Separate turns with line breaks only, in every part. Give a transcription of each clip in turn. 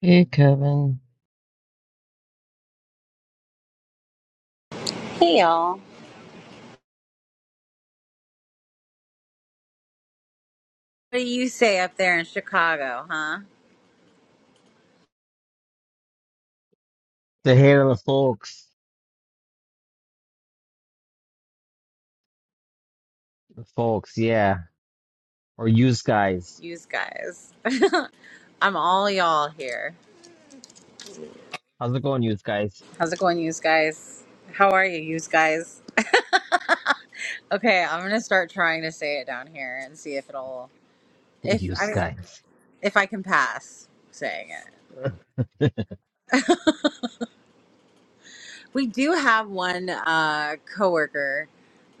Hey, Kevin.
Hey y'all. What do you say up there in Chicago, huh?
The hair of the folks, the folks, yeah, or use guys.
Yous guys. I'm all y'all here.
How's it going, use guys?
How's it going, yous guys? How are you, yous guys? Okay, I'm gonna start trying to say it down here and see if it'll if
Use
I
guys,
if I can pass saying We do have one uh, coworker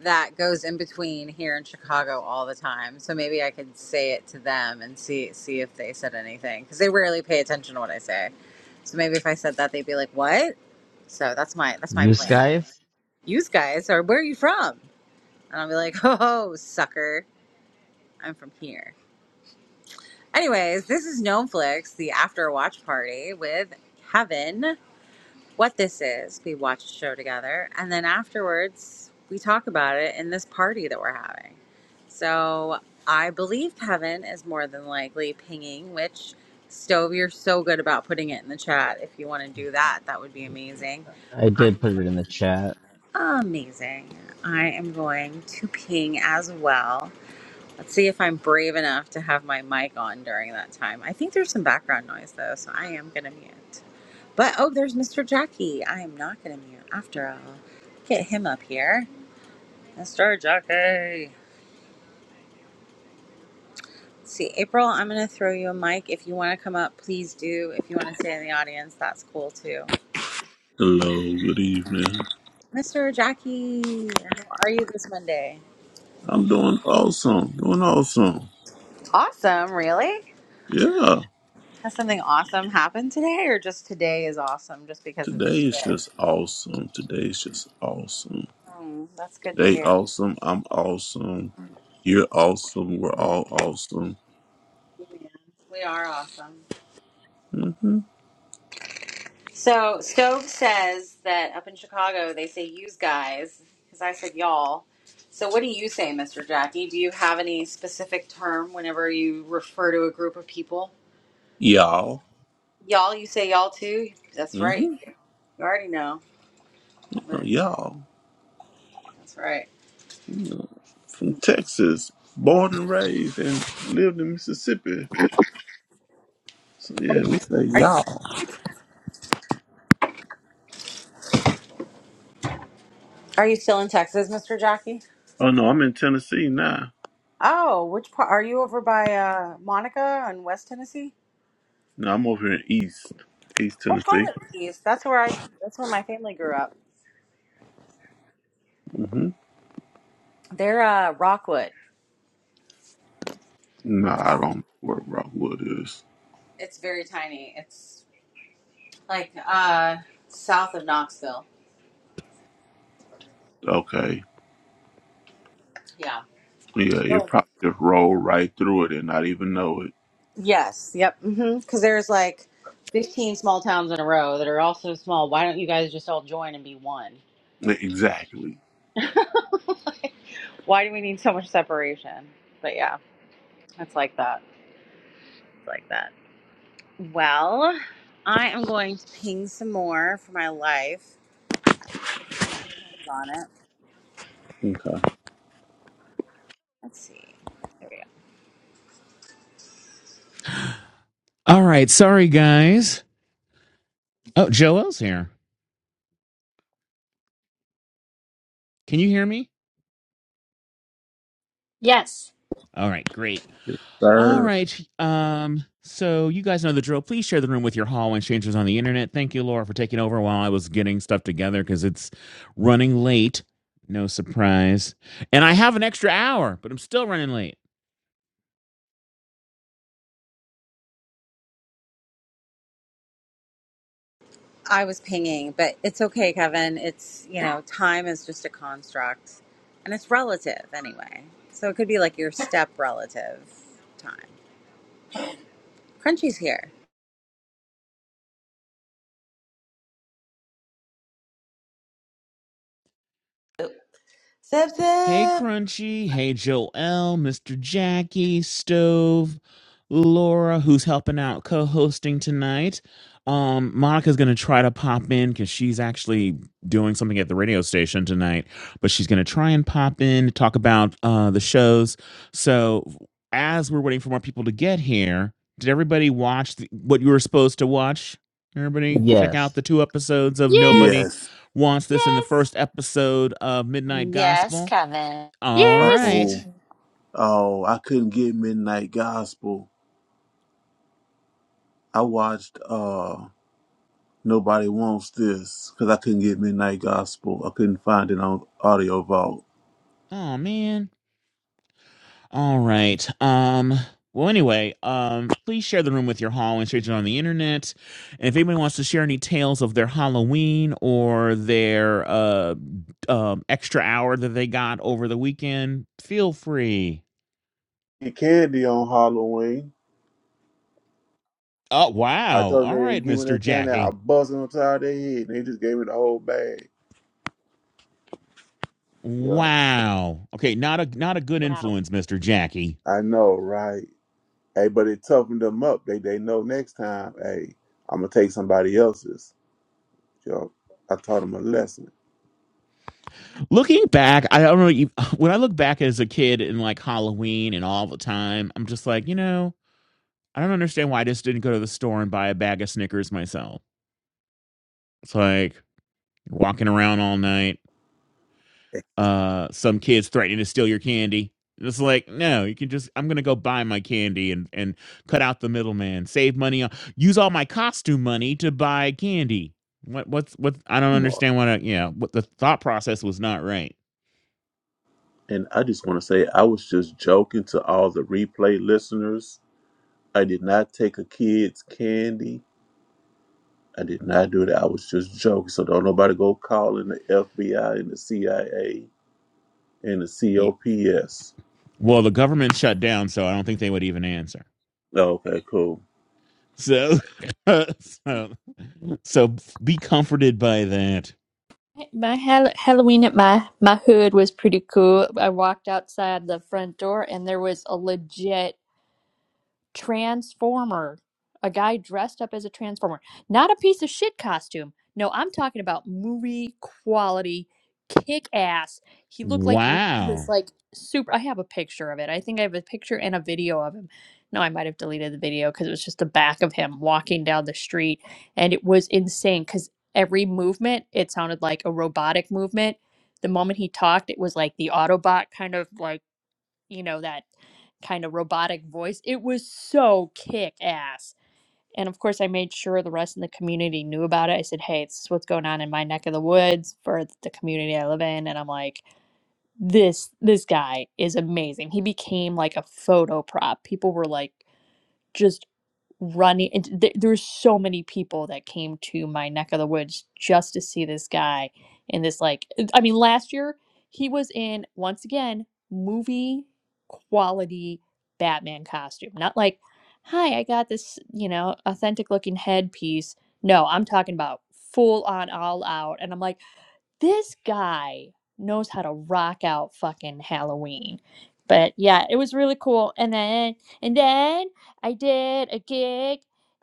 that goes in between here in Chicago all the time, so maybe I could say it to them and see see if they said anything because they rarely pay attention to what I say. So maybe if I said that, they'd be like, "What?" So that's my that's my
use
plan.
guys.
You guys are where are you from? And I'll be like, "Oh, sucker, I'm from here." Anyways, this is Gnomeflix, the after watch party with Kevin what this is. We watch the show together, and then afterwards, we talk about it in this party that we're having. So I believe Kevin is more than likely pinging, which Stove, you're so good about putting it in the chat. If you want to do that, that would be amazing.
I
I-
did put it in the chat.
Amazing. I am going to ping as well. Let's see if I'm brave enough to have my mic on during that time. I think there's some background noise though, so I am going to mute. But oh, there's Mr. Jackie. I am not going to mute after all. Get him up here. Mr. Jackie. Let's see, April, I'm going to throw you a mic. If you want to come up, please do. If you want to stay in the audience, that's cool too.
Hello, good evening.
Mr. Jackie, how are you this Monday?
I'm doing awesome, doing awesome.
Awesome, really?
Yeah,
Has something awesome happened today, or just today is awesome just because it's
today is
today?
just awesome. Today is just awesome.
Mm, that's good to
Today,
hear.
awesome. I'm awesome. You're awesome. We're all awesome.
Yeah, we are awesome.
hmm
So Stove says that up in Chicago they say "yous guys" because I said "y'all." So what do you say, Mr. Jackie? Do you have any specific term whenever you refer to a group of people?
Y'all.
Y'all, you say y'all too. That's right.
hmm
You already know. That's
Y'all.
right.
From Texas, born and raised and lived in Mississippi. So, yeah, we say
Are you still
y'all.
in Texas? Are you still in Texas, Mr. Jackie?
Oh, no, I'm in Tennessee now.
Oh, which part? Are you over by uh, Monica in West Tennessee?
No, I'm over here in East, East
What part
Tennessee.
of the East? That's where I. That's where my family grew up.
hmm
They're uh, Rockwood.
No, I don't know where Rockwood is.
It's very tiny. It's like uh south of Knoxville.
Okay.
Yeah.
Yeah, you
Oh.
probably just roll right through it and not even know
Yes. Yep. Mm-hmm. Because there's like 15 small towns in a row that are all so small. Why don't you guys just all join and be one?
it. Exactly.
Like, why do we need so much separation? But yeah, it's like that. It's like that. Well, I am going to ping some more for my life. Depends on it.
Okay.
Let's see. There we go.
All right, sorry guys. Oh, Joel's here. Can you hear me?
Yes.
All right, great.
Yes,
All
sir.
right. Um, so you guys know the drill. Please share the room with your hallway strangers on the internet. Thank you, Laura, for taking over while I was getting stuff together because it's running late. No surprise. And I have an extra hour, but I'm still running late.
I was pinging, but it's okay, Kevin. It's, you know, time is just a construct and it's relative anyway. So it could be like your step relative time. Crunchy's here.
Zip
Hey
zip.
Crunchy, hey Joel, Mr. Jackie, Stove, Laura, who's helping out co-hosting tonight. Um, Monica's gonna try to pop in because she's actually doing something at the radio station tonight, but she's gonna try and pop in to talk about uh the shows. So as we're waiting for more people to get here, did everybody watch the, what you were supposed to watch? Everybody, check out
Yes,
the two episodes of Nobody
Yes.
Yes.
Wants This in the
Yes.
first episode of Midnight
Yes,
Gospel.
Kevin.
All
Yes.
right.
Oh, oh, I couldn't get Midnight Gospel. I watched uh Nobody Wants This because I couldn't get Midnight Gospel. I couldn't find it on Audio Vault.
Oh man. All right. Um. Well, anyway, um, please share the room with your Halloween strangers on the internet. And if anybody wants to share any tales of their Halloween or their uh, um, extra hour that they got over the weekend, feel free.
Get candy on Halloween.
Oh
I
wow!
told
All
them they didn't
right,
give me
Mister
that candy. I
Jackie.
buzzed them upside their head and they just gave me the whole bag. Yeah.
Wow. Okay, not a not a good
Wow.
influence, Mister Jackie.
I know, right? Hey, but it toughened them up. They they know next time, hey, I'm gonna take somebody else's. Yo, I taught them a lesson.
looking back, I don't know. when I look back as a kid and like Halloween and all the time, I'm just like, you know, I don't understand why I just didn't go to the store and buy a bag of Snickers myself. It's like you're walking around all night.
Exercise
Uh, some kids threatening to steal your candy. It's like, no, you can just. I'm gonna go buy my candy and and cut out the middleman. Save money. on- Use all my costume money to buy candy. What what's what? I don't
smart.
understand what. I, yeah, what the thought process was not right.
And I just want to say, I was just joking to all the replay listeners. I did not take a kid's candy. I did not do that. I was just joking. So don't nobody go calling the FBI and the CIA and the
Y-
COPS.
Well, the government shut down, so I don't think they would even answer.
Okay, cool.
So, so, so be comforted by that.
My Hall- Halloween at my my hood was pretty cool. I walked outside the front door and there was a legit Transformer. A guy dressed up as a Transformer. Not a piece of shit costume. No, I'm talking about movie quality, kick ass. He looked like he was
Wow.
like super. I have a picture of it. I think I have a picture and a video of him. No, I might have deleted the video because it was just the back of him walking down the street. And it was insane because every movement, it sounded like a robotic movement. The moment he talked, it was like the Autobot kind of like you know, that kind of robotic voice. It was so kick ass. And of course, I made sure the rest of the community knew about it. I said, "Hey, this is what's going on in my neck of the woods for the community I live in." And I'm like, "This this guy is amazing. He became like a photo prop. People were like just running and th- there were so many people that came to my neck of the woods just to see this guy and this like uh, i mean last year he was in once again movie quality batman costume not like hi i got this you know authentic looking headpiece no i'm talking about full on all out and i'm like this guy knows how to rock out fucking Halloween. But yeah, it was really cool. And then and then I did a gig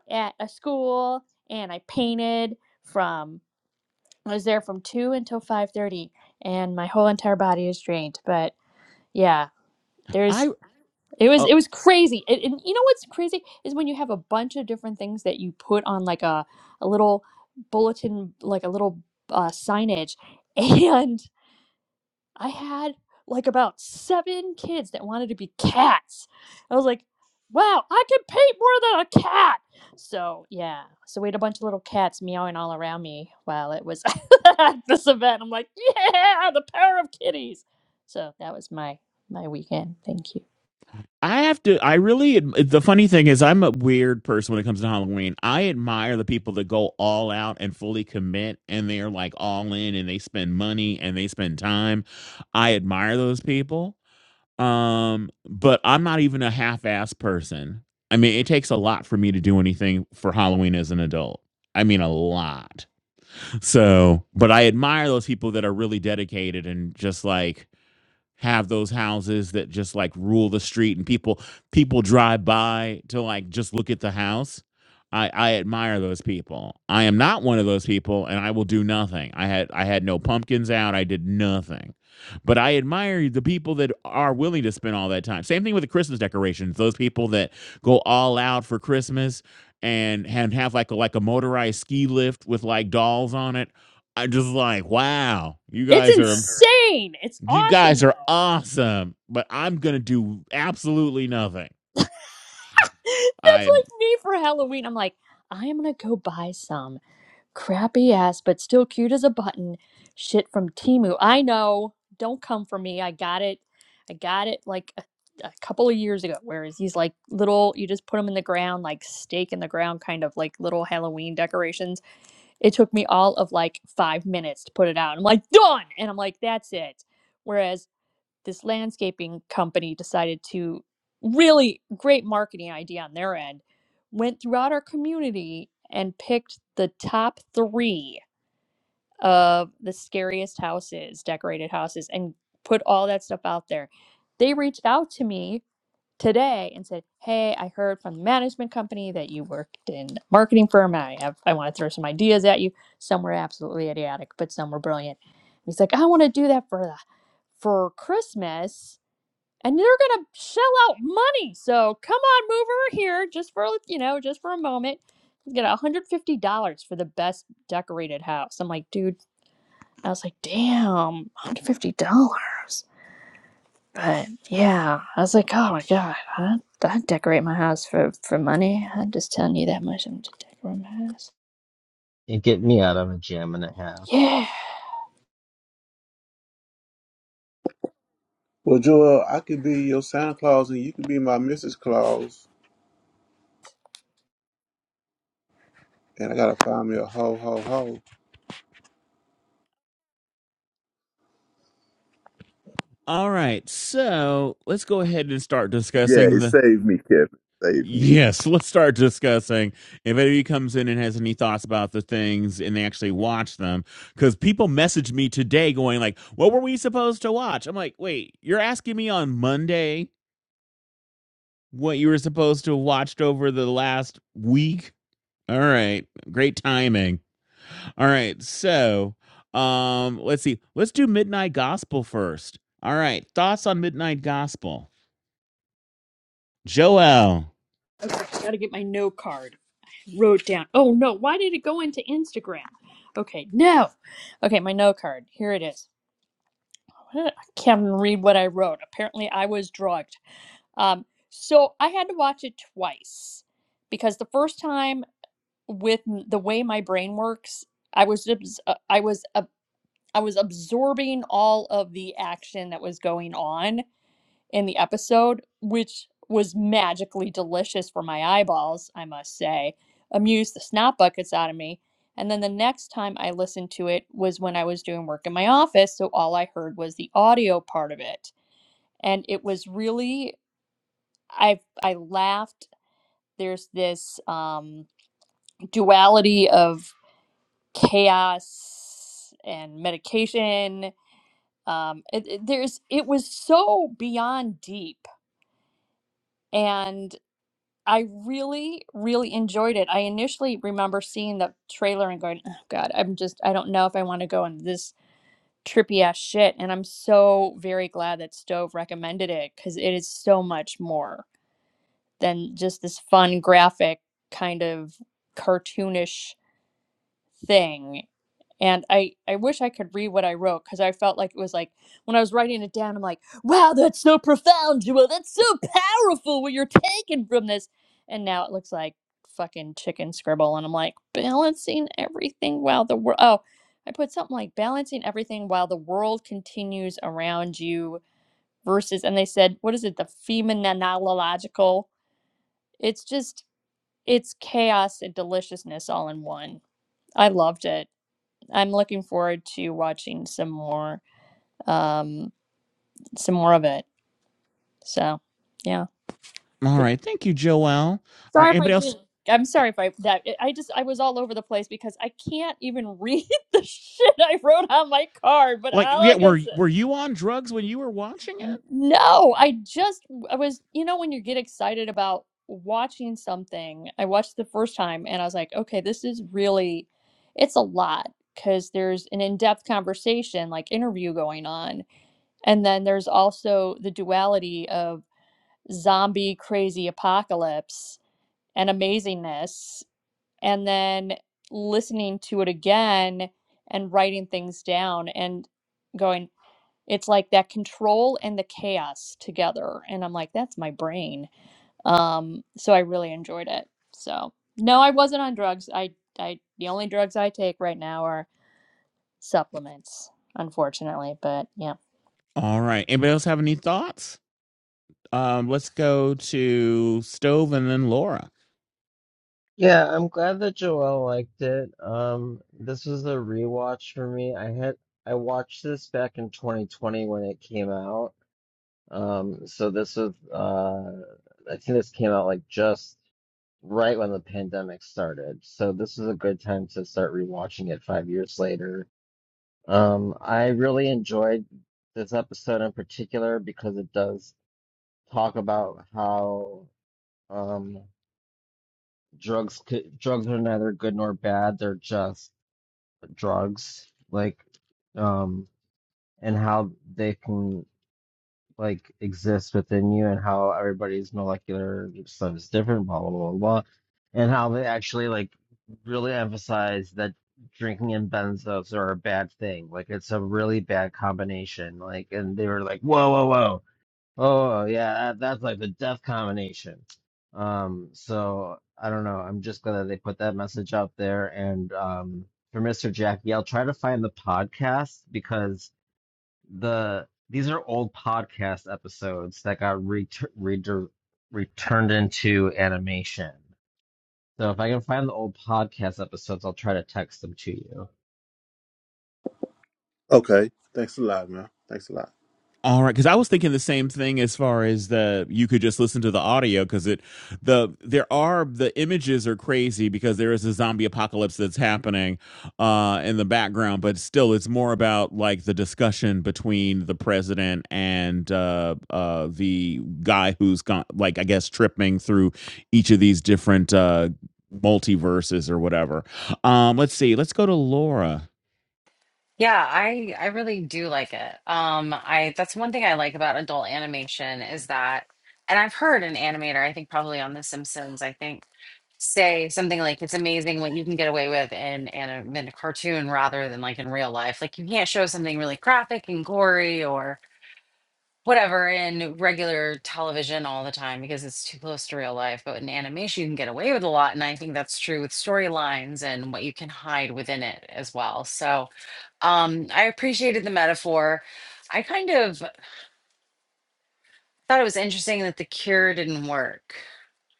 at a school and I painted from I was there from 2 until 5:30 and my whole entire body is drained. But yeah, there's
I
it was
uh,
it was crazy. And, and you know what's crazy is when you have a bunch of different things that you put on like a a little bulletin like a little uh, signage and I had like about seven kids that wanted to be cats. I was like, wow, I can paint more than a cat. So yeah, so we had a bunch of little cats meowing all around me while it was at this event. I'm like, yeah, the power of kitties. So that was my my weekend. Thank you.
I have to. I really. The funny thing is, I'm a weird person when it comes to Halloween. I admire the people that go all out and fully commit, and they're like all in, and they spend money and they spend time. I admire those people Um, but I'm not even a half-ass person. I mean, it takes a lot for me to do anything for Halloween as an adult. I mean, a lot. So, but I admire those people that are really dedicated and just like have those houses that just like rule the street and people people drive by to like just look at the house. I, I admire those people. I am not one of those people and I will do nothing. I had I had no pumpkins out. I did nothing. But I admire the people that are willing to spend all that time. Same thing with the Christmas decorations. Those people that go all out for Christmas and and have like a, like a motorized ski lift with like dolls on it. I just like, wow, you
It's
guys are.
insane. It's
You
awesome
guys
though.
are awesome, but I'm going to do absolutely nothing.
That's
I
like me for Halloween. I'm like, I am gonna go buy some Crappy ass, but still cute as a button. Shit from Timu. I know. Don't come for me. I got it. I got it like a, a couple of years ago. Whereas these like little, you just put them in the ground, like stake in the ground, kind of like little Halloween decorations. It took me all of like five minutes to put it out. I'm like, done. And I'm like, that's it. Whereas this landscaping company decided to really great marketing idea on their end went throughout our community and picked the top three of the scariest houses decorated houses and put all that stuff out there they reached out to me today and said hey i heard from the management company that you worked in a marketing firm and i have i want to throw some ideas at you some were absolutely idiotic but some were brilliant And he's like i want to do that for the for Christmas and they are gonna shell out money. So come on, move over here just for you know, just for a moment. You get $150 for the best decorated house. I'm like, dude, I was like, damn, $150. But yeah, I was like, oh my god, I I'd decorate my house for for money. I'm just telling you that much. I'm just decorating my house.
it get me out of a jam and a half.
Yeah.
Well, Joel, I could be your Santa Claus and you could be my Mrs. Claus. And I gotta find me a ho ho ho.
All right. So, let's go ahead and start
Yeah,
discussing
it
the
saved me, Kevin. Saved me.
Yes, let's start discussing. If anybody comes in and has any thoughts about the things and they actually watch them, because people messaged me today going like, "What were we supposed to watch?" I'm like, "Wait, you're asking me on Monday what you were supposed to have watched over the last week?" All right, great timing. All right. So, um, let's see. Let's do Midnight Gospel first. All right. Thoughts on Midnight Gospel, Joel.
Okay, gotta get my no card. Wrote down. Oh no, why did it go into Instagram? Okay, no. Okay, my no card. Here it is. I can't even read what I wrote. Apparently, I was drugged. Um, so I had to watch it twice because the first time, with the way my brain works, I was abs- uh, I was ab- I was absorbing all of the action that was going on in the episode, which was magically delicious for my eyeballs. I must say, amused the snot buckets out of me. And then the next time I listened to it was when I was doing work in my office, so all I heard was the audio part of it and it was really i i laughed there's this um duality of chaos and medication um it, it- there's it was so beyond deep and i really really enjoyed it i initially remember seeing the trailer and going oh god i'm just i don't know if i want to go on this trippy ass shit and i'm so very glad that stove recommended it because it is so much more than just this fun graphic kind of cartoonish thing and i i wish i could read what i wrote because i felt like it was like when i was writing it down i'm like wow that's so profound Jewel. that's so powerful what you're taking from this and now it looks like fucking chicken scribble and i'm like balancing everything while the world oh i put something like balancing everything while the world continues around you versus and they said what is it the phenomenological it's just it's chaos and deliciousness all in one. I loved it. I'm looking forward to watching some more um some more of it. So, yeah.
All
Good.
right. Thank you, Joel. All right.
Sorry if I
Anybody else?
didn't. I'm sorry if I that I just I was all over the place because I can't even read the shit I wrote on my card, but
Like,
all
yeah.
I can
Were Were
say.
you on drugs when you were watching it?
N- No, I just I was, you know, when you get excited about watching something, I watched the first time and I was like, okay, this is really it's a lot because there's an in-depth conversation, like interview going on. And then there's also the duality of zombie crazy apocalypse and amazingness, and then listening to it again and writing things down and going it's like that control and the chaos together and i'm like that's my brain um so i really enjoyed it so no i wasn't on drugs i i the only drugs i take right now are supplements unfortunately but yeah
All right. Anybody else have any thoughts? Um, let's go to Stove and then Laura.
Yeah, I'm glad that Joelle liked it. Um, this was a rewatch for me. I had I watched this back in 2020 when it came out. Um, so this was uh, I think this came out like just. right when the pandemic started. So this is a good time to start rewatching it five years later. Um, I really enjoyed this episode in particular because it does talk about how um, drugs could, drugs are neither good nor bad. They're just drugs, like, um, and how they can like exists within you and how everybody's molecular stuff is different, blah blah blah blah, blah. and how they actually like really emphasize that drinking and benzos are a bad thing. Like it's a really bad combination. Like and they were like, whoa whoa whoa, oh yeah, that, that's like the death combination. Um, so I don't know. I'm just glad that they put that message out there. And um, for Mr. Jackie, I'll try to find the podcast because the these are old podcast episodes that got re re returned into animation. So if I can find the old podcast episodes, I'll try to text them to you.
Okay. Thanks a lot, man. Thanks a lot.
All right, because I was thinking the same thing as far as the you could just listen to the audio because it the there are the images are crazy because there is a zombie apocalypse that's happening uh, in the background, but still it's more about like the discussion between the president and uh, uh, the guy who's gone like I guess tripping through each of these different uh, multiverses or whatever. Um, let's see, let's go to Laura.
Yeah, I I really do like it. Um, I that's one thing I like about adult animation is that, and I've heard an animator, I think probably on The Simpsons, I think. say something like it's amazing what you can get away with in anim- in a cartoon rather than like in real life. Like you can't show something really graphic and gory or whatever in regular television all the time because it's too close to real life. But in animation, you can get away with a lot, and I think that's true with storylines and what you can hide within it as well. So um, I appreciated the metaphor. I kind of thought it was interesting that the cure didn't work.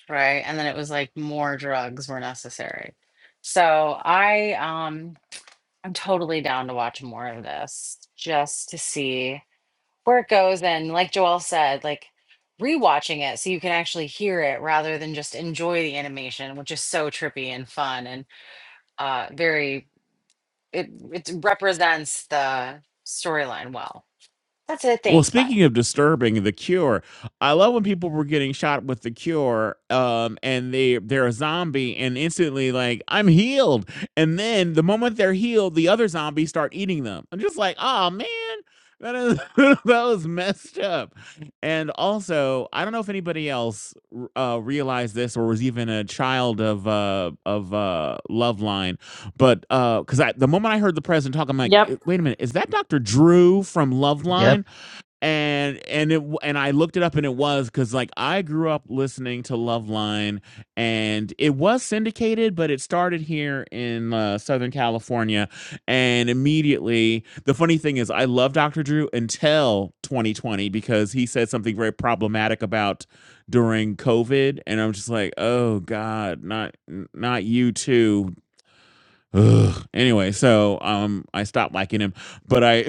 right? And then it was like more drugs were necessary. So I um I'm totally down to watch more of this just to see where it goes. And like Joel said, like rewatching it so you can actually hear it rather than just enjoy the animation, which is so trippy and fun and uh very it it represents the storyline well. That's it.
Well,
Thanks. Bye.
speaking of disturbing, The Cure. I love when people were getting shot with The Cure, um, and they they're a zombie, and instantly like I'm healed, and then the moment they're healed, the other zombies start eating them. I'm just like, oh man, that is that was messed up. And also, I don't know if anybody else r- uh, realized this or was even a child of uh, of uh, Loveline, but because I the moment I heard the president talk, I'm like, "Eh, wait a minute, is that Dr. Drew from Loveline?
Yep.
and and it and I looked it up and it was because like I grew up listening to Loveline and it was syndicated, but it started here in uh, Southern California, and immediately the funny thing is I love Dr. Drew until 2020 because he said something very problematic about during COVID, and I'm just like, oh God, not not you too. Ugh. Anyway, so um, I stopped liking him, but I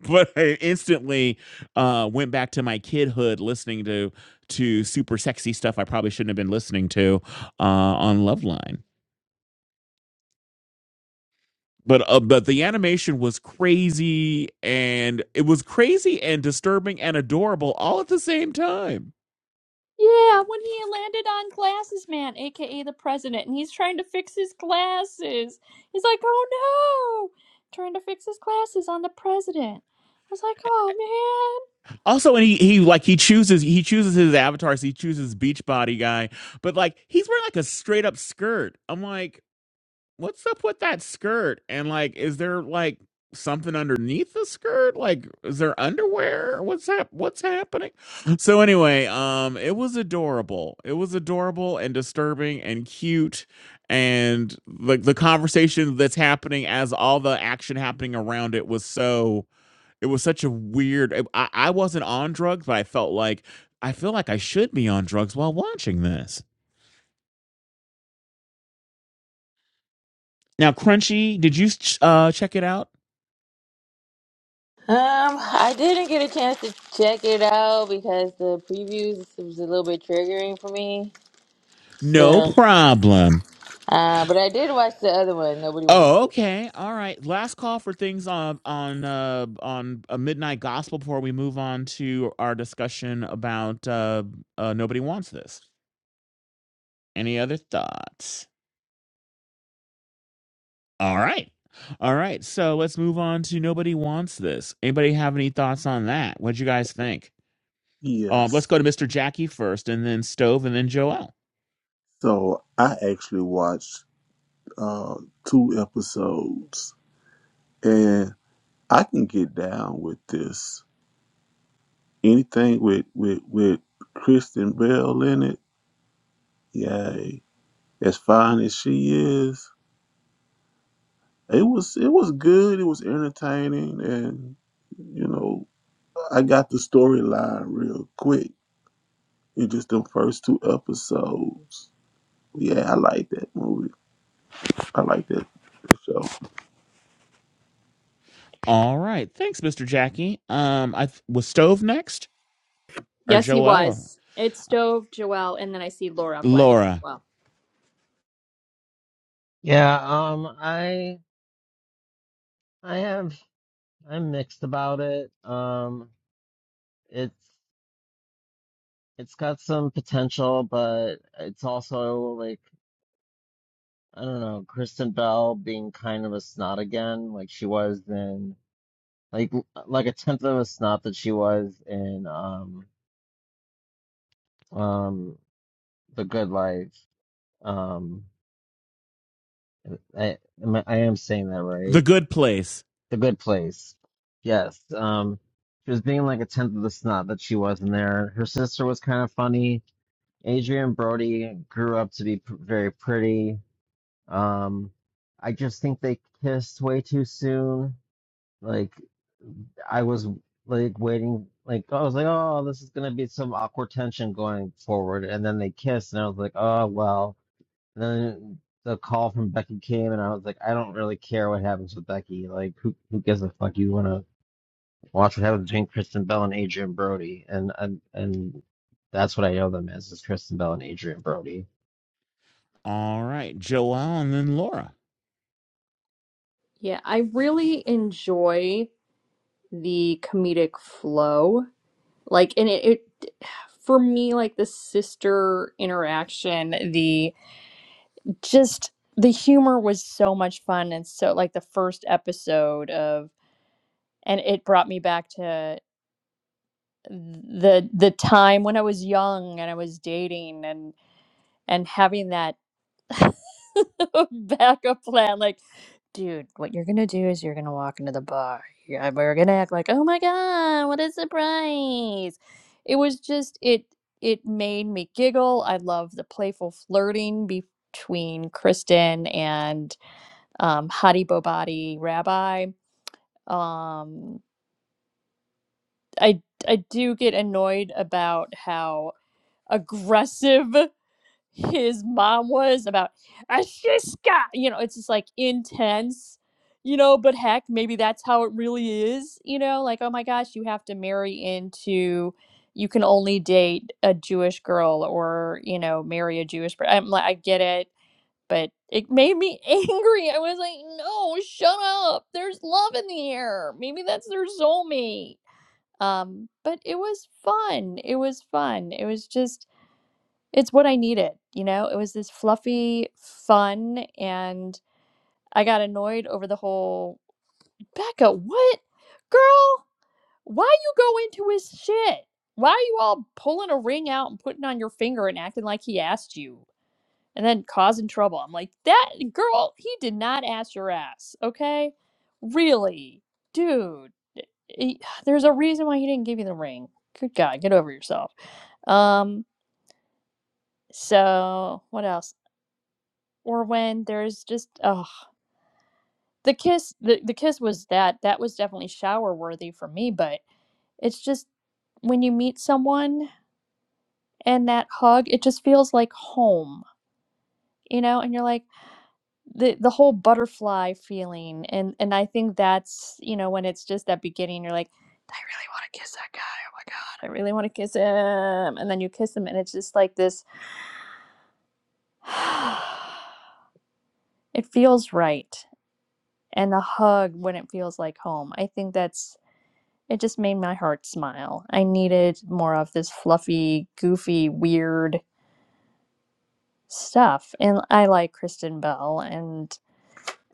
but I instantly uh, went back to my kidhood listening to to super sexy stuff I probably shouldn't have been listening to uh, on Loveline. But uh, but the animation was crazy and it was crazy and disturbing and adorable all at the same time.
yeah when he landed on glasses man aka the president and he's trying to fix his glasses he's like oh no trying to fix his glasses on the president i was like oh
Also, and he he like he chooses he chooses his avatars. He chooses Beachbody guy, but like he's wearing like a straight up skirt. I'm like, what's up with that skirt? And like, is there like something underneath the skirt? Like, is there underwear? What's hap- What's happening? So anyway, um, it was adorable. It was adorable and disturbing and cute, and like the conversation that's happening as all the action happening around it was so. It was such a weird. I, I wasn't on drugs, but I felt like I feel like I should be on drugs while watching this. Now, Crunchy, did you uh, check it out?
Um, I didn't get a chance to check it out because the previews was a little bit triggering for me.
No
So,
problem.
uh, but I did watch the other one. Nobody wants
Oh,
this.
okay. All right. Last call for things on on uh, on a midnight gospel before we move on to our discussion about uh, uh, nobody wants this. Any other thoughts? All right. All right. So let's move on to nobody wants this. Anybody have any thoughts on that? What'd you guys think? Um, let's
Yes.
go to Mr. Jackie first, and then Stove, and then Joel.
So I actually watched uh, two episodes, and I can get down with this. Anything with with with Kristen Bell in it, yay! As fine as she is, it was it was good. It was entertaining, and you know I got the storyline real quick in just the first two episodes. Yeah, I like that movie. I like that show.
All right. Thanks, Mr. Jackie. Um, I th- was Stove next or
Yes, he
Joel or
was. It's Stove, Joelle, and then I see Laura flash as
Laura.
well.
Yeah, um I I have I'm mixed about it. Um it's it's got some potential, but it's also like I don't know, Kristen Bell being kind of a snot again, like she was in like like a tenth of a snot that she was in um um the good life um i am I am saying that
The
right
Good Place.
the good place yes um she was being like a tenth of the snot that she was in there her sister was kind of funny adrian brody grew up to be p- very pretty um i just think they kissed way too soon like i was like waiting like i was like oh this is gonna be some awkward tension going forward and then they kissed and i was like oh well then the call from Becky came, and I was like, I don't really care what happens with Becky. Like, who who gives a fuck? You want to watch what happens between Kristen Bell and Adrian Brody, and and and that's what I know them as is Kristen Bell and Adrian Brody.
All right, Joelle and then Laura.
Yeah, I really enjoy the comedic flow. Like, and it, it for me, like the sister interaction, the just the humor was so much fun. And so, like the first episode of, and it brought me back to the the time when I was young and I was dating and and having that. backup plan. Like, dude, what you're gonna do is you're gonna walk into the bar. you we're gonna act like, oh my god, what a surprise! It was just it. It made me giggle. I love the playful flirting between Kristen and um, Hadi Bobadi Rabbi. Um, I I do get annoyed about how aggressive his mom was about Ashiska. You know, it's just like intense, you know, but heck, maybe that's how it really is, you know, like, oh my gosh, you have to marry into you can only date a Jewish girl or, you know, marry a Jewish person. I'm like, I get it, but it made me angry. I was like, no, shut up. There's love in the air. Maybe that's their soulmate. Um, but it was fun. It was fun. It was just it's what I needed, you know? It was this fluffy fun and I got annoyed over the whole Becca, what? Girl, why you go into his shit? Why are you all pulling a ring out and putting on your finger and acting like he asked you and then causing trouble? I'm like, that girl, he did not ask your ass, okay? Really? Dude, he- there's a reason why he didn't give you the ring. Good God, get over yourself. Um, so what else? or when there's just oh the kiss the, the kiss was that that was definitely shower worthy for me but it's just when you meet someone and that hug it just feels like home you know and you're like the the whole butterfly feeling and and i think that's you know when it's just that beginning you're like i really want to kiss that guy oh my god i really want to kiss him and then you kiss him and it's just like this it feels right and the hug when it feels like home i think that's It just made my heart smile. I needed more of this fluffy, goofy, weird stuff. And I like Kristen Bell and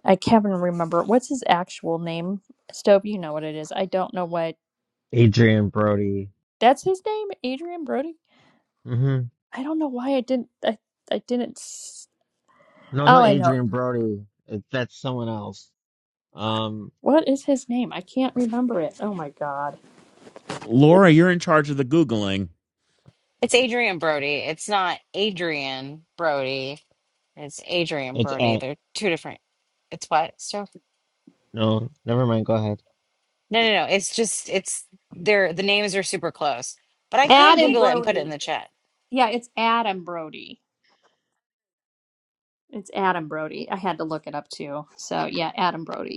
I can't even remember what's his actual name. Stobe, you know what it is. I don't know what
Adrian Brody.
that's his name, Adrian Brody.
hmm
I don't know why I didn't I, I didn't s-
No, it's
all
not
I know.
Adrian Brody. It, that's someone else. Um,
What is his name? I can't remember it. Oh my god.
Laura, you're in charge of the Googling.
It's Adrian Brody. It's not Adrian Brody and It's Adrian
it's
Brody.
at
They're two different. It's what So
no, never mind. Go ahead.
No, no, no. It's just it's they're the names are super close. But I can
Adam
Google it and put it in
Brody.
the chat.
Yeah, it's Adam Brody. It's Adam Brody. I had to look it up too. So yeah, Adam Brody.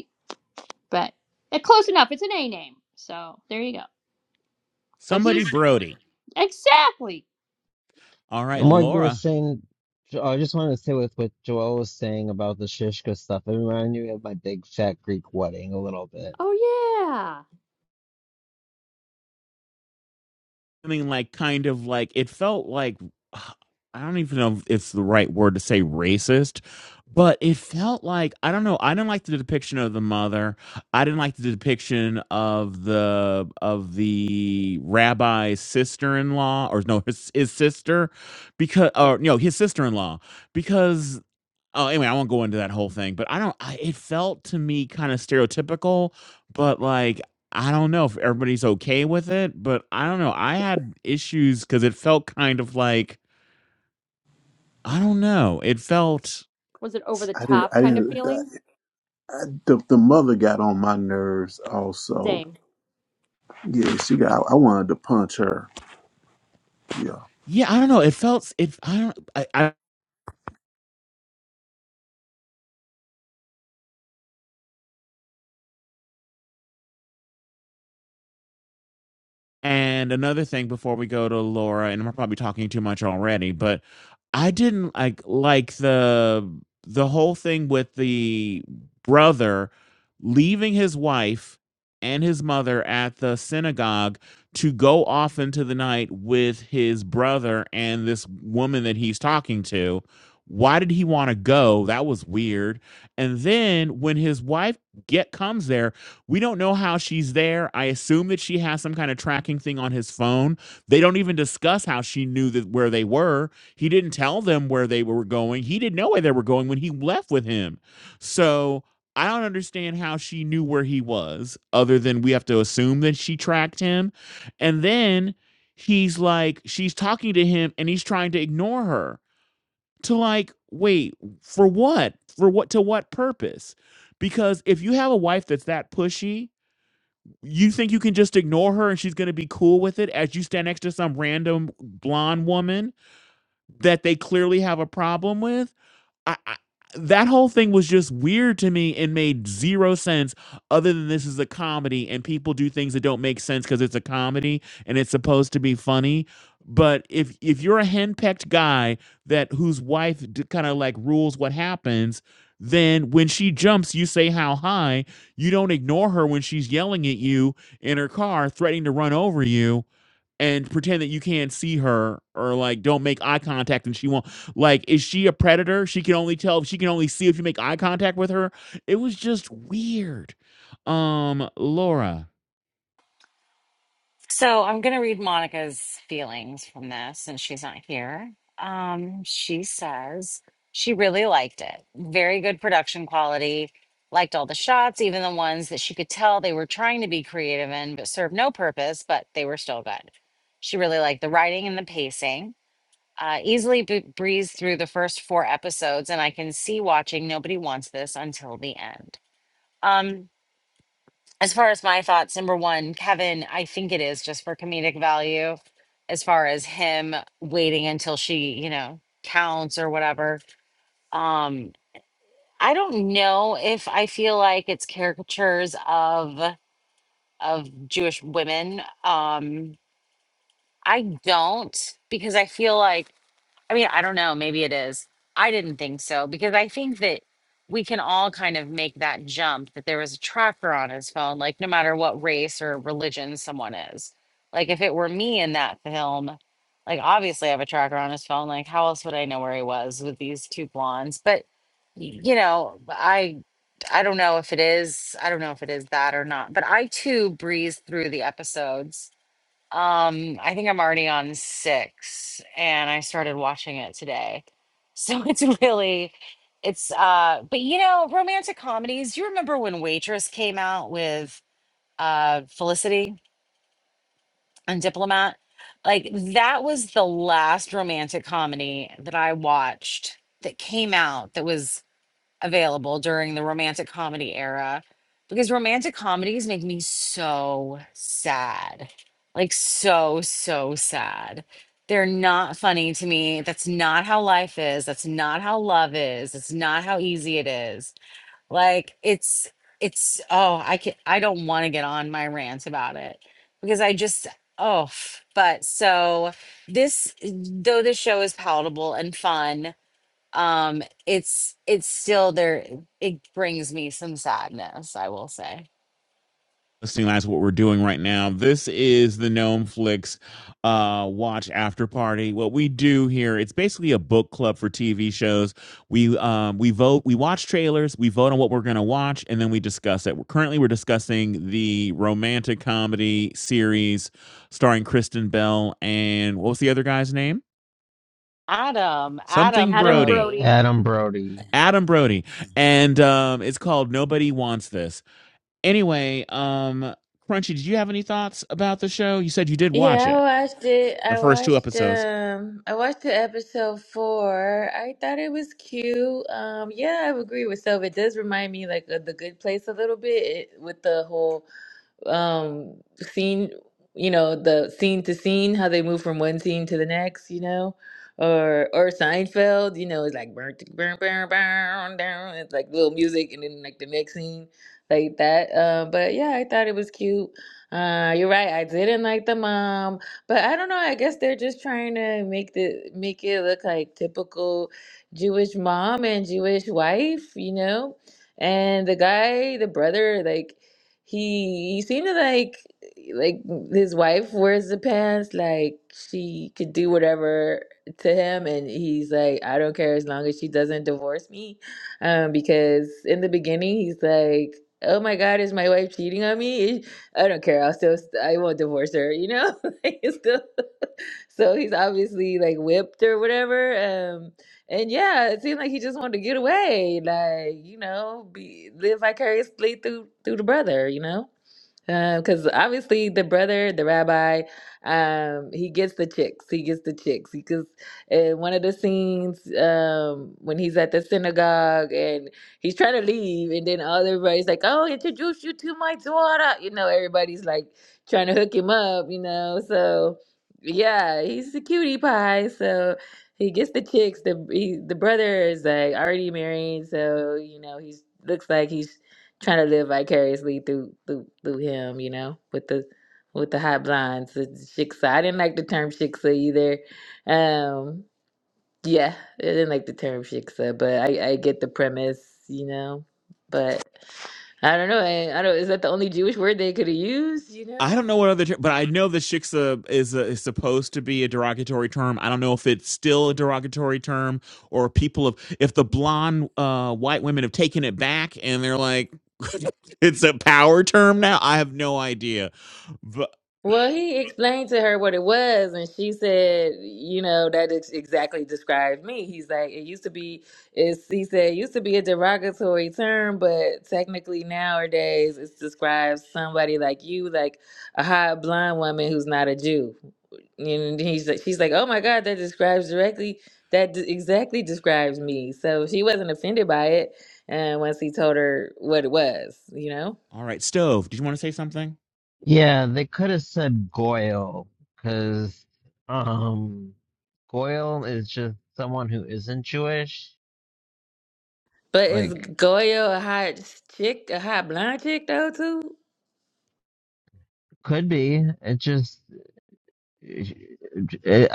but uh, close enough. It's an A name, so there you go. But
Somebody
he's
Brody.
exactly.
All right,
And what you were
Laura.
saying, Jo- I just wanted to say with what Joel was saying about the Shishka stuff. It reminded me of my big fat Greek wedding a little bit.
Oh yeah,
something like kind of like it felt like I don't even know if it's the right word to say racist, but it felt like I don't know. I didn't like the depiction of the mother. I didn't like the depiction of the of the rabbi's sister in law or no his, his sister because
yeah.
or no his sister in law because oh anyway I won't go into that whole thing. But I don't. I, it felt to me kind of stereotypical, but like I don't know if everybody's okay with it, but I don't know. I had issues because it felt kind of like I don't know. It felt,
Was it over the
I didn't.
top
I
kind of
didn't.
feeling?
The the mother got on my nerves. Also,
Same.
yeah, she got. I wanted to punch her. Yeah.
yeah, I don't know. It felt it. I don't. I, I And another thing before we go to Laura, and I'm probably talking too much already, but I didn't like like the the whole thing with the brother leaving his wife and his mother at the synagogue to go off into the night with his brother and this woman that he's talking to. Why did he want to go? That was weird. And then when his wife get comes there, we don't know how she's there. I assume that she has some kind of tracking thing on his phone. They don't even discuss how she knew that where they were. He didn't tell them where they were going. He didn't know where they were going when he left with him. So I don't understand how she knew where he was, other than we have to assume that she tracked him. And then he's like, she's talking to him and he's trying to ignore her. To like, wait, for what? For what? To what purpose? Because if you have a wife that's that pushy, you think you can just ignore her and she's going to be cool with it as you stand next to some random blonde woman that they clearly have a problem with? I, I that whole thing was just weird to me and made zero sense other than this is a comedy and people do things that don't make sense because it's a comedy and it's supposed to be funny but if if you're a henpecked guy that whose wife d- kind of like rules what happens then when she jumps you say how high you don't ignore her when she's yelling at you in her car threatening to run over you and pretend that you can't see her or like don't make eye contact and she won't like is she a predator she can only tell she can only see if you make eye contact with her it was just weird um laura
So I'm gonna read Monica's feelings from this, since she's not here. Um, she says she really liked it. Very good production quality. Liked all the shots, even the ones that she could tell they were trying to be creative in, but served no purpose. But they were still good. She really liked the writing and the pacing. uh, easily b- breeze through the first four episodes, and I can see watching Nobody Wants This until the end. Um, as far as my thoughts, number one, Kevin, I think it is just for comedic value, as far as him waiting until she, you know, counts or whatever. Um, I don't know if I feel like it's caricatures of of Jewish women. Um, I don't because I feel like I mean, I don't know. Maybe it is. I didn't think so because I think that we can all kind of make that jump that there was a tracker on his phone, like no matter what race or religion someone is. Like if it were me in that film, like obviously I have a tracker on his phone. Like how else would I know where he was with these two blondes? But y- you know, I I don't know if it is. I don't know if it is that or not. But I too breezed through the episodes um, I think I'm already on six and I started watching it today. So it's really it's uh but you know, romantic comedies, you remember when Waitress came out with uh Felicity and Diplomat? Like that was the last romantic comedy that I watched that came out that was available during the romantic comedy era because romantic comedies make me so sad. Like, so, so sad. They're not funny to me. That's not how life is. That's not how love is. It's not how easy it is. Like, it's, it's, oh, I can, I don't want to get on my rant about it because I just, oh, but so this, though this show is palatable and fun, um it's it's still there it brings me some sadness i will say
listening, that's what we're doing right now. This is the Gnome Flix uh, Watch After Party. What we do here, it's basically a book club for TV shows. We um, we vote, we watch trailers, we vote on what we're going to watch, and then we discuss it. We're, currently, we're discussing the romantic comedy series starring Kristen Bell and what was the other guy's name?
adam
Something
adam
Adam
Brody.
brody
Brody.
Adam Brody.
Adam Brody, and um, it's called Nobody Wants This. Anyway, um, Crunchy, did you have any thoughts about the show? You said you did watch
Yeah,
it,
I watched it.
the
I
first two
watched
episodes.
um I watched the episode four. I thought it was cute. Um yeah, I would agree with Sylvia. It does remind me like of the good place a little bit it, with the whole um scene you know the scene to scene how they move from one scene to the next you know or or Seinfeld you know it's like burn burn burn burn down it's like little music and then like the next scene like that uh, but yeah I thought it was cute uh you're right I didn't like the mom but I don't know I guess they're just trying to make the make it look like typical Jewish mom and Jewish wife you know and the guy the brother like he he seemed to like like his wife wears the pants, like she could do whatever to him, and he's like, I don't care as long as she doesn't divorce me. Um, because in the beginning he's like, Oh my God, is my wife cheating on me? I don't care. I'll still I won't divorce her, you know? Like, it's still, so he's obviously like whipped or whatever. Um, and yeah, it seemed like he just wanted to get away, like you know, be live vicariously through through the brother, you know because obviously the brother, the rabbi, um, he gets the chicks. He gets the chicks. Because in one of the scenes, um, when he's at the synagogue and he's trying to leave, and then all everybody's like, "Oh, introduce you to my daughter," you know, everybody's like trying to hook him up, you know. So yeah, he's a cutie pie. So he gets the chicks. The he, the brother is like already married, so you know he's looks like he's trying to live vicariously through through through him, you know, with the with the hot blinds. the Shiksa. I didn't like the term shiksa either. Um, yeah, I didn't like the term shiksa, but I I get the premise, you know. But I don't know. I, I don't. Is that the only Jewish word they could have used? You
I
know.
don't know what other, ter- but I know that shiksa is, a, is supposed to be a derogatory term. I don't know if it's still a derogatory term or people of if the blonde uh, white women have taken it back and they're like, it's a power term now. I have no idea. But
Well, he explained to her what it was, and she said, "You know, that ex- exactly describes me." He's like, "It used to be," it's, he said, it "used to be a derogatory term, but technically nowadays it describes somebody like you, like a hot blonde woman who's not a Jew." And he's like, "She's like, oh my God, that describes directly. That d- exactly describes me." So she wasn't offended by it, and once he told her what it was, you know.
all right, stove. Did you want to say something?
Yeah, they could have said Goyle because um, Goyle is just someone who isn't Jewish.
But is
Like,
Goya a hot chick, a hot blonde chick though too?
could be. It just.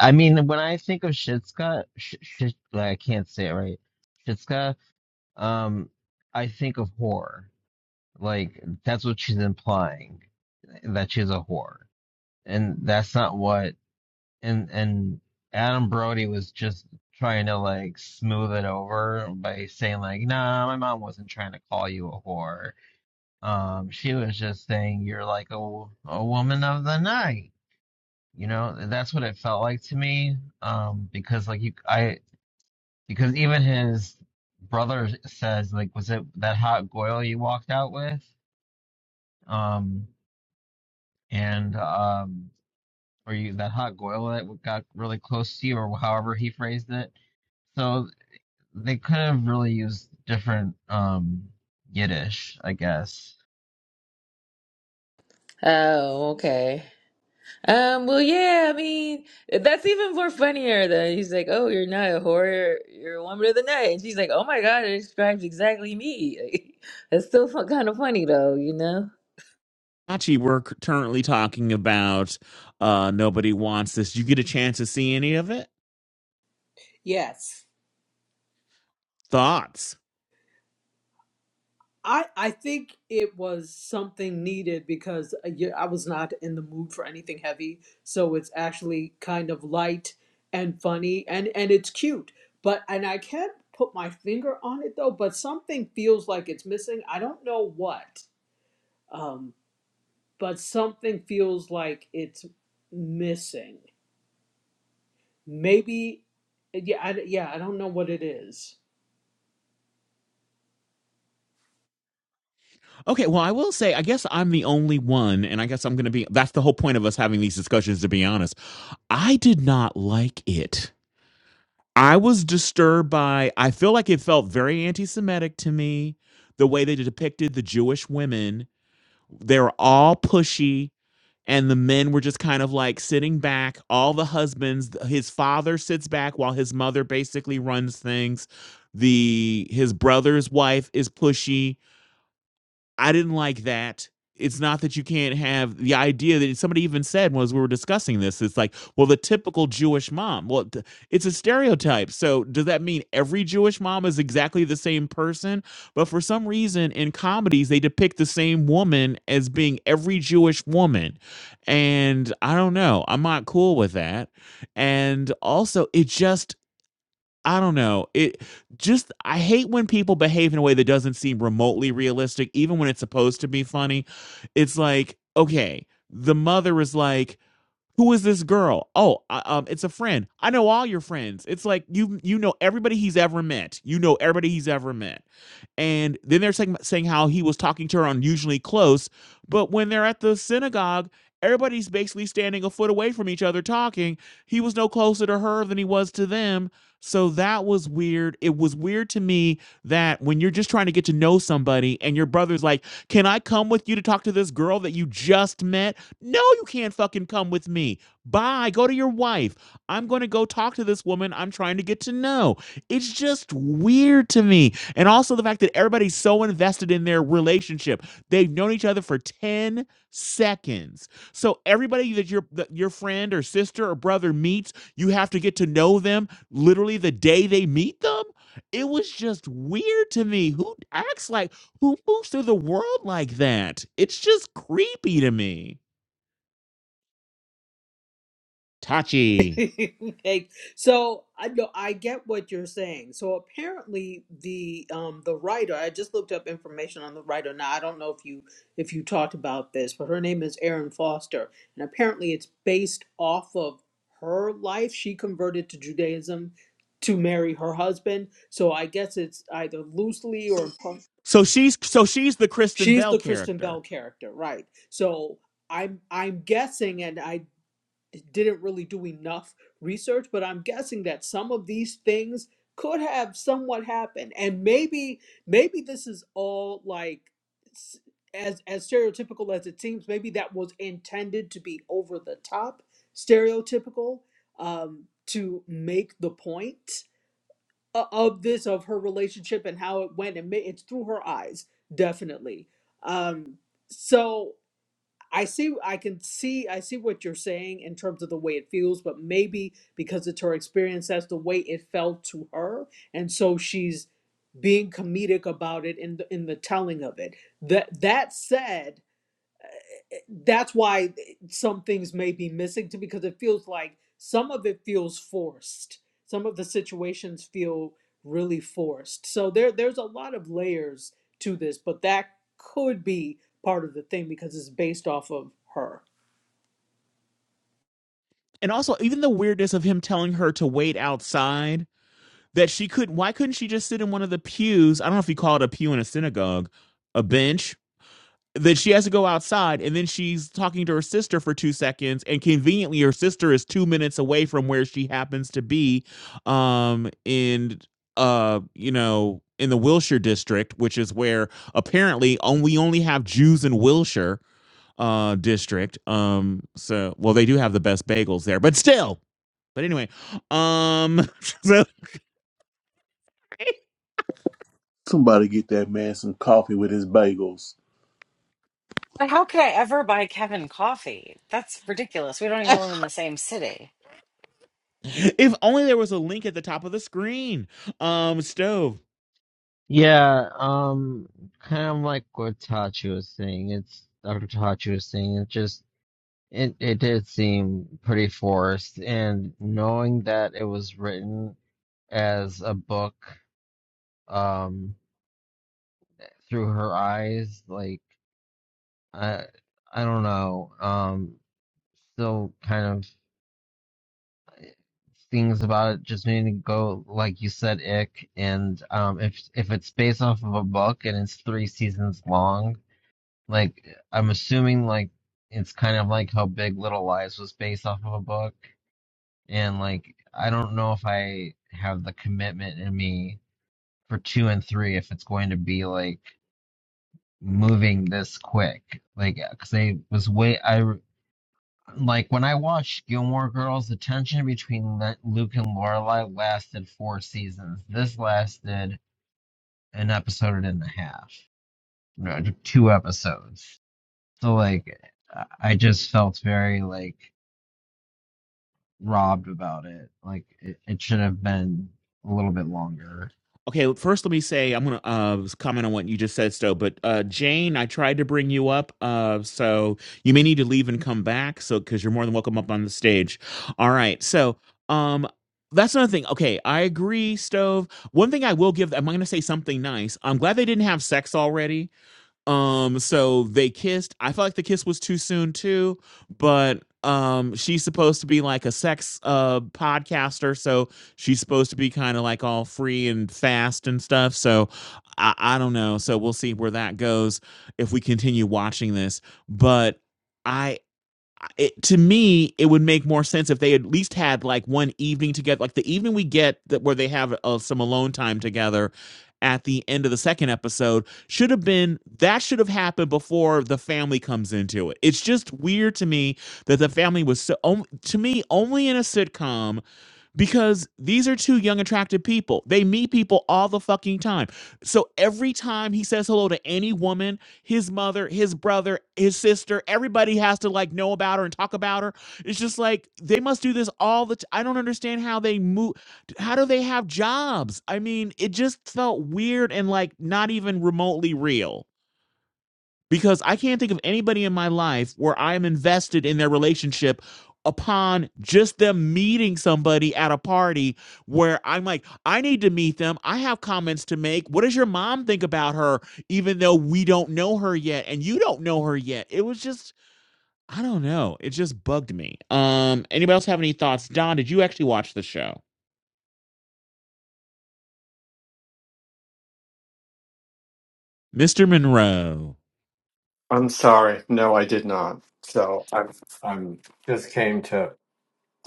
I mean, when I think of Shitska, sh- sh- like, I can't say it right. Shitska. um, I think of whore. Like that's what she's implying that she's a whore, and that's not what. And and Adam Brody was just trying to like smooth it over by saying like, "Nah, my mom wasn't trying to call you a whore. Um, she was just saying you're like a a woman of the night." You know, that's what it felt like to me. Um, because like you, I because even his brother says, like, was it that hot goyle you walked out with? Um, and, um, or you, that hot goyle that got really close to you, or however he phrased it. So they could have really used different, um, Yiddish, I guess.
Oh, okay. Um, well, yeah, I mean, that's even more funnier than he's like, "Oh, you're not a whore, you're a woman of the night," and she's like, "Oh my God, it describes exactly me." that's still fun, kind of funny though, you know?
Hachi, we're c- currently talking about uh, nobody wants this. Did you get a chance to see any of it?
Yes.
thoughts.
I, I think it was something needed because uh, yeah, I was not in the mood for anything heavy. So it's actually kind of light and funny and, and it's cute. But, and I can't put my finger on it though, but something feels like it's missing. I don't know what, um, but something feels like it's missing. Maybe, uh, yeah, I, yeah, I don't know what it is.
Okay, well, I will say, I guess I'm the only one, and I guess I'm going to be. That's the whole point of us having these discussions, to be honest. I did not like it. I was disturbed by, I feel like it felt very anti Semitic to me, the way they depicted the Jewish women. They were all pushy, and the men were just kind of like sitting back. All the husbands, his father sits back while his mother basically runs things. The his brother's wife is pushy I didn't like that. It's not that you can't have the idea that somebody even said was we were discussing this. It's like, well, the typical Jewish mom. Well, it's a stereotype. So does that mean every Jewish mom is exactly the same person? But for some reason, in comedies, they depict the same woman as being every Jewish woman, and I don't know. I'm not cool with that. And also, it just I don't know. It just I hate when people behave in a way that doesn't seem remotely realistic, even when it's supposed to be funny. It's like, okay, the mother is like, "Who is this girl?" Oh, I, um, it's a friend. I know all your friends. It's like you you know everybody he's ever met. You know everybody he's ever met and then they're saying, saying how he was talking to her unusually close. But when they're at the synagogue, everybody's basically standing a foot away from each other talking. He was no closer to her than he was to them. So that was weird. It was weird to me that when you're just trying to get to know somebody and your brother's like, Can I come with you to talk to this girl that you just met? No, you can't fucking come with me. Bye. Go to your wife. I'm going to go talk to this woman I'm trying to get to know. It's just weird to me and also the fact that everybody's so invested in their relationship. They've known each other for 10 seconds. So everybody that your that your friend or sister or brother meets, you have to get to know them literally the day they meet them. It was just weird to me. Who acts like who moves through the world like that? It's just creepy to me. Tachi.
okay. So I know I get what you're saying. So apparently the um the writer, I just looked up information on the writer. Now I don't know if you if you talked about this, but her name is Erin Foster, and apparently it's based off of her life. She converted to Judaism to marry her husband. So I guess it's either loosely or
So she's so she's the Kristen
she's
Bell
the Kristen Bell
character.
character, right? So I'm I'm guessing, and I didn't really do enough research, but I'm guessing that some of these things could have somewhat happened, and maybe maybe this is all like s- as as stereotypical as it seems. Maybe that was intended to be over the top, stereotypical, um, to make the point o- of this of her relationship and how it went, and ma- it's through her eyes, definitely. Um, so. I see, I can see, I see what you're saying in terms of the way it feels, but maybe because it's her experience, that's the way it felt to her, and so she's being comedic about it in the, in the telling of it. That that said, that's why some things may be missing too, because it feels like some of it feels forced. Some of the situations feel really forced. So there, there's a lot of layers to this, but that could be part of the thing because it's based off of her.
And also even the weirdness of him telling her to wait outside that she couldn't why couldn't she just sit in one of the pews i don't know if you call it a pew in a synagogue a bench that she has to go outside and then she's talking to her sister for two seconds and conveniently her sister is two minutes away from where she happens to be um in uh you know in the wilshire district which is where apparently on, we only have jews in wilshire uh district um so well they do have the best bagels there but still but anyway um so
Somebody get that man some coffee with his bagels.
but how could i ever buy kevin coffee that's ridiculous we don't even live in the same city
if only there was a link at the top of the screen. Um, stove.
Yeah, um, kind of like what Tachi was saying. It's Dr. Tachi was saying. It's just It it did seem pretty forced, and knowing that it was written as a book, um, through her eyes, like I I don't know, um, still kind of things about it just made me go like you said, ick. And um, if if it's based off of a book and it's three seasons long, like I'm assuming like it's kind of like how Big Little Lies was based off of a book and like I don't know if I have the commitment in me for two and three if it's going to be like moving this quick. Like, because I was way I like when I watched Gilmore Girls, the tension between Le- Luke and Lorelai lasted four seasons. This lasted an episode and a half, no, two episodes. So like, I just felt very like robbed about it. Like it, it should have been a little bit longer.
Okay, first let me say I'm gonna uh comment on what you just said, Stove. But uh, Jane, I tried to bring you up. Uh, so you may need to leave and come back. So because you're more than welcome up on the stage. All right. So um. That's another thing. Okay, I agree, Stove. One thing I will give, I'm going to say something nice. I'm glad they didn't have sex already Um, so they kissed. I felt like the kiss was too soon too, but um she's supposed to be like a sex uh podcaster, so she's supposed to be kind of like all free and fast and stuff. So I, I don't know. So we'll see where that goes if we continue watching this. But I it, to me, it would make more sense if they at least had like one evening together, like the evening we get that where they have uh, some alone time together at the end of the second episode should have been that should have happened before the family comes into it. It's just weird to me that the family was so on- to me only in a sitcom because these are two young attractive people they meet people all the fucking time so every time he says hello to any woman his mother his brother his sister everybody has to like know about her and talk about her it's just like they must do this all the I i don't understand how they move how do they have jobs i mean it just felt weird and like not even remotely real because I can't think of anybody in my life where I'm invested in their relationship upon just them meeting somebody at a party where I'm like, I need to meet them. I have comments to make. What does your mom think about her, even though we don't know her yet and you don't know her yet? It was just, I don't know. It just bugged me. Um, anybody else have any thoughts? Don, did you actually watch the show? Mr. Monroe.
I'm sorry. No, I did not. So I'm I'm just came to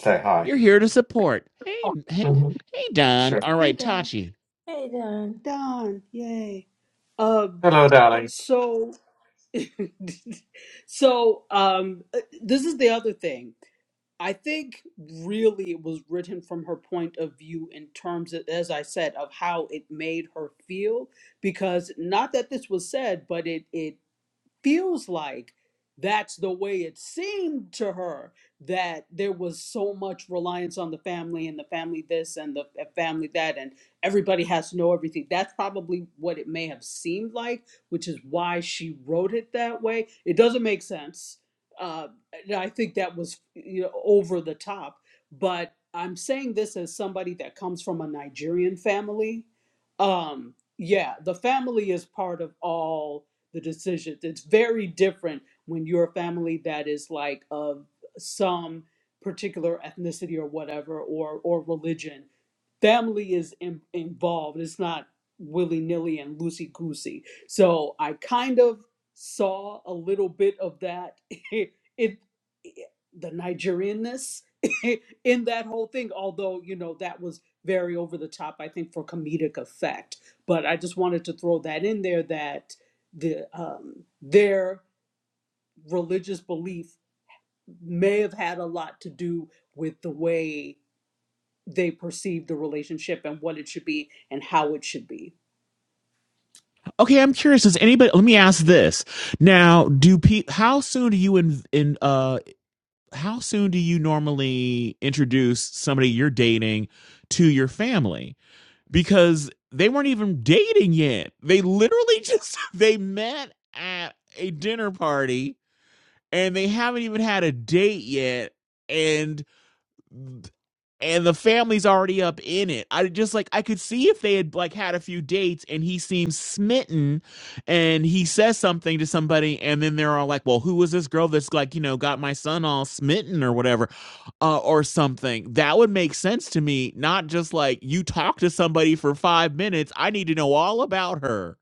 say hi.
You're here to support. Hey, hey,
hmm
hey, Don.
Sure.
All
Hey
right,
Don.
Tachi.
Hey, Don.
Don, yay. Um,
Hello, darlings.
so so um uh, this is the other thing. I think really it was written from her point of view in terms of, as I said, of how it made her feel. Because not that this was said, but it it feels like that's the way it seemed to her that there was so much reliance on the family and the family this and the uh, family that and everybody has to know everything that's probably what it may have seemed like which is why she wrote it that way it doesn't make sense uh, and i think that was you know over the top but i'm saying this as somebody that comes from a nigerian family um yeah the family is part of all the decisions. It's very different when you're a family that is like of some particular ethnicity or whatever or or religion family is in, involved. It's not willy nilly and loosey goosey. So I kind of saw a little bit of that. it, it the Nigerianness in that whole thing, although you know that was very over the top. I think for comedic effect, but I just wanted to throw that in there that the um, their religious belief may have had a lot to do with the way they perceive the relationship and what it should be and how it should be.
Okay, I'm curious. Does anybody? Let me ask this now. Do pe- How soon do you in in uh? How soon do you normally introduce somebody you're dating to your family? Because they weren't even dating yet. They literally just they met at a dinner party and they haven't even had a date yet. And and the family's already up in it. I just like I could see if they had like had a few dates and he seems smitten and he says something to somebody and then they're all like, "Well, who was this girl that's like, you know, got my son all smitten or whatever uh, or something." That would make sense to me, not just like you talk to somebody for 5 minutes. I need to know all about her.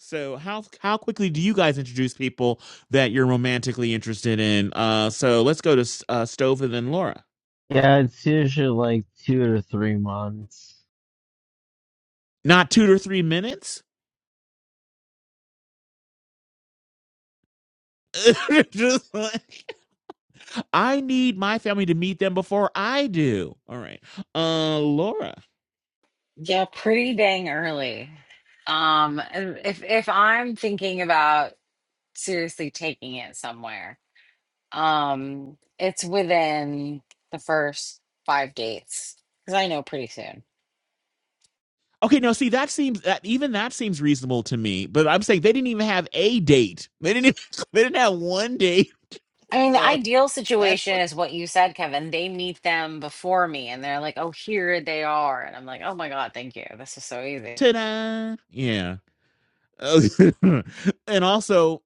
So, how how quickly do you guys introduce people that you're romantically interested in? Uh so let's go to S- uh Stove and then Laura.
Yeah, it's usually like two to three months.
Not 2 to 3 minutes? I need my family to meet them before I do. All right. Uh Laura.
yeah pretty dang early um if if i'm thinking about seriously taking it somewhere um it's within the first five dates because i know pretty soon
Okay, no, see that seems that even that seems reasonable to me, but I'm saying they didn't even have a date. They didn't even, they didn't have one date.
I mean, the
So
ideal
that's
situation is what you said, Kevin. They meet them before me and they're like, oh, here they are. And I'm like, oh my God, thank you. This is so easy.
ta-da. Yeah. and also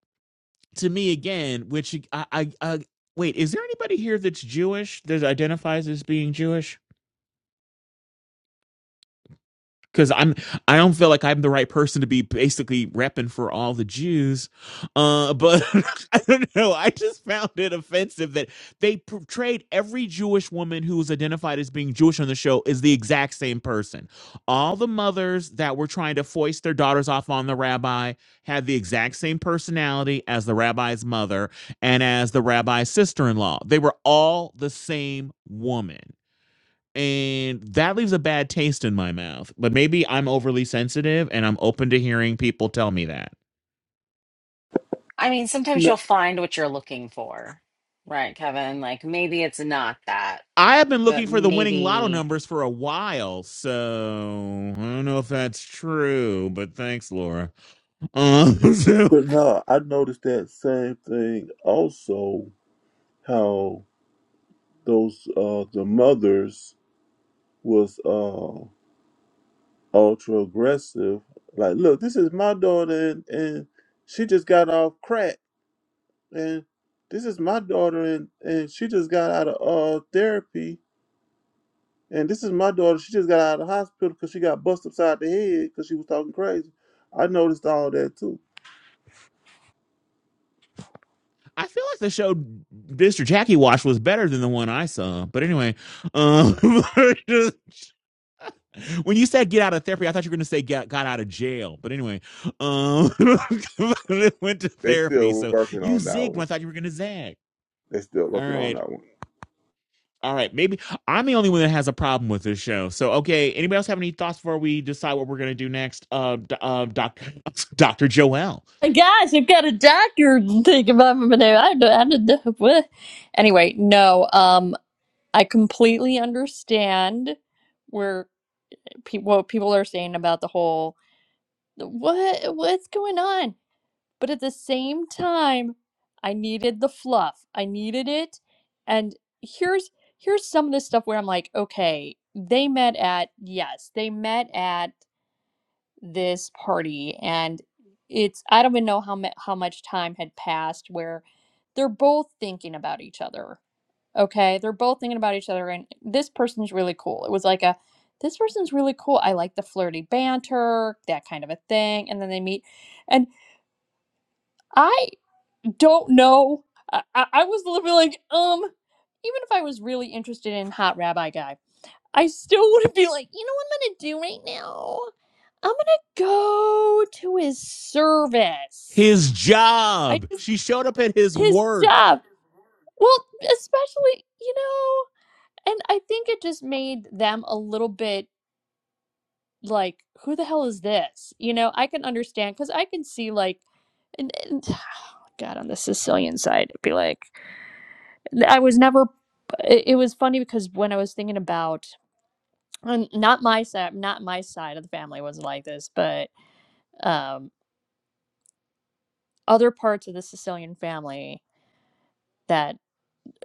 to me again, which I, I I wait, is there anybody here that's Jewish that identifies as being Jewish? because I'm I don't feel like I'm the right person to be basically repping for all the Jews, uh, but I don't know. I just found it offensive that they portrayed every Jewish woman who was identified as being Jewish on the show is the exact same person. All the mothers that were trying to foist their daughters off on the rabbi had the exact same personality as the rabbi's mother and as the rabbi's sister-in-law. They were all the same woman and that leaves a bad taste in my mouth. But maybe I'm overly sensitive and I'm open to hearing people tell me that.
I mean, sometimes
No,
you'll find what you're looking for, right, Kevin? Like maybe it's not that,
I have been
but
looking for the winning lotto
maybe,
numbers for a while, so I don't know if that's true, but thanks, Laura. Uh, so
but no, I noticed that same thing. Also, how those uh the mothers was uh ultra aggressive. Like, look, this is my daughter, and, and she just got off crack. and this is my daughter and, and she just got out of uh, therapy and this is my daughter she just got out of the hospital because she got busted upside the head because she was talking crazy i noticed all that too
I feel like the show Mr. Jackie watched was better than the one I saw. But anyway, um, when you said get out of therapy, I thought you were going to say get, got out of jail. But anyway, um, went to
They
therapy.
still
So
working
you
on that
zigged when I
one.
thought you were going to zag.
They still
All
working on
right.
that one.
All right. Maybe I'm the only one that has a problem with this show. So, okay. Anybody else have any thoughts before we decide what we're going to do next? Uh, d- uh, doc, Dr. Joel.
Hey, Guys, I've got a doctor thinking about me there. I don't, I don't know. what- Anyway, no. Um, I completely understand where people what people are saying about the whole what what's going on. But at the same time, I needed the fluff. I needed it. And here's here's some of this stuff where I'm like, okay, they met at yes, they met at this party and it's I don't even know how mu- how much time had passed where they're both thinking about each other. Okay? They're both thinking about each other and this person's really cool. It was like a this person's really cool. I like the flirty banter, that kind of a thing. And then they meet and I don't know. I, I, I was literally like, um, even if I was really interested in Hot Rabbi Guy, I still wouldn't be like, you know what I'm gonna do right now? I'm gonna go to his service.
His
I
job.
just
She showed up at his
his
work
job. Well, especially, you know, and I think it just made them a little bit like, who the hell is this? You know, I can understand because I can see like and, and- God on the Sicilian side, it'd be like I was never. It, it was funny because when I was thinking about um, not my side, not my side of the family was like this, but um, other parts of the Sicilian family that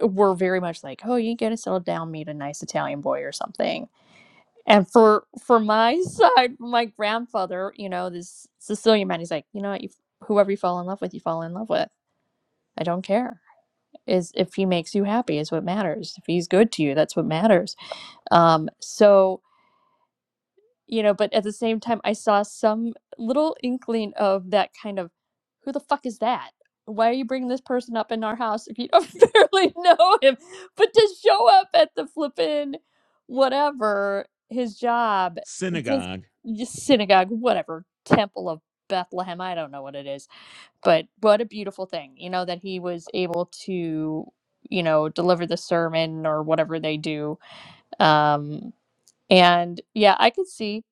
were very much like, oh, you gotta settle down, meet a nice Italian boy or something. And for for my side, my grandfather, you know, this Sicilian man, he's like, you know what, you, whoever you fall in love with, you fall in love with. I don't care. Is if he makes you happy is what matters. If he's good to you, that's what matters. Um, so you know but at the same time i saw some little inkling of that kind of who the fuck is that why are you bringing this person up in our house if you don't barely know him but to show up at the flippin' whatever his job just
synagogue.
just synagogue whatever temple of bethlehem i don't know what it is but what a beautiful thing you know that he was able to you know deliver the sermon or whatever they do um and yeah i could see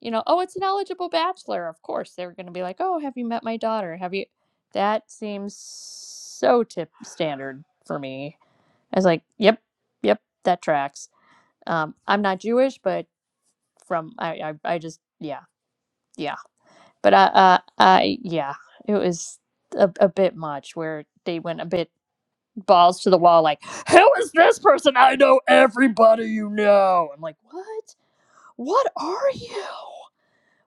you know, oh, it's an eligible bachelor. Of course, they're going to be like, oh, have you met my daughter? Have you? That seems so tip standard for me. I was like, yep, yep, that tracks. Um, I'm not Jewish, but from I, I, I just yeah, yeah. But I, uh, I yeah, it was a, a bit much where they went a bit balls to the wall, like, who is this person? I know everybody you know. I'm like, what? What are you?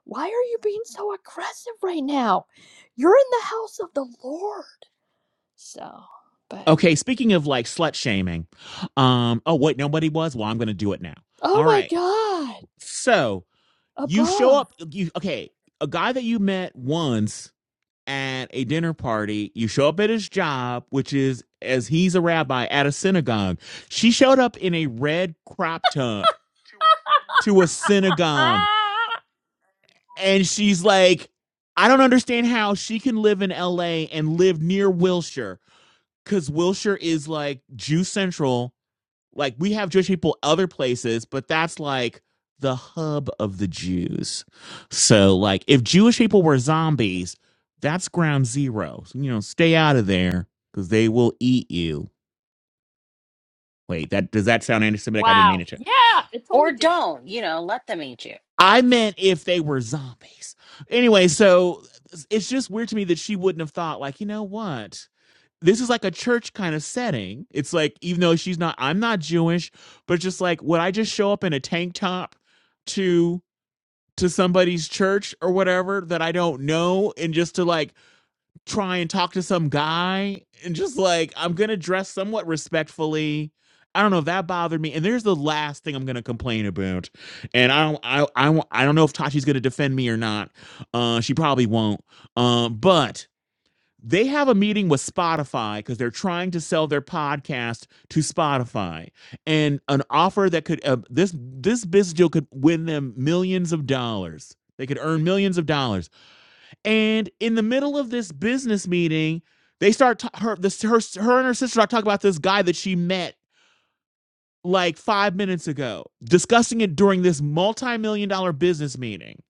Why are you being so aggressive right now? You're in the house of the Lord. So, but
Okay. Speaking of like slut shaming. Um, oh, wait, nobody was? Well, I'm going to do it now.
oh
All
my
right.
God,
So you show
above.
up. You, okay. A guy that you met once at a dinner party. You show up at his job, which is as he's a rabbi at a synagogue. She showed up in a red crop top to a synagogue, and she's like, I don't understand how she can live in LA and live near Wilshire because Wilshire is like Jew Central like we have Jewish people other places, but that's like the hub of the Jews. So like if Jewish people were zombies, that's ground zero. So, you know, stay out of there because they will eat you. Wait, that does that sound anti-Semitic? I didn't mean
Wow.
it. to.
Yeah, it
or
totally did.
don't, you know, let them meet you.
I meant if they were zombies. Anyway, so it's just weird to me that she wouldn't have thought, like, you know what? This is like a church kind of setting. It's like, even though she's not, I'm not Jewish, but just like, would I just show up in a tank top to to somebody's church or whatever that I don't know, and just to like try and talk to some guy and just like I'm gonna dress somewhat respectfully. I don't know if that bothered me. And there's the last thing I'm gonna complain about. And I don't I I, won't- I don't know if Tachi's gonna defend me or not. Uh she probably won't. Um but they have a meeting with Spotify because they're trying to sell their podcast to Spotify, and an offer that could uh, this this business deal could win them millions of dollars. They could earn millions of dollars and in the middle of this business meeting, they start ta- her this her her and her sister start talking about this guy that she met like five minutes ago, discussing it during this multi-million dollar business meeting.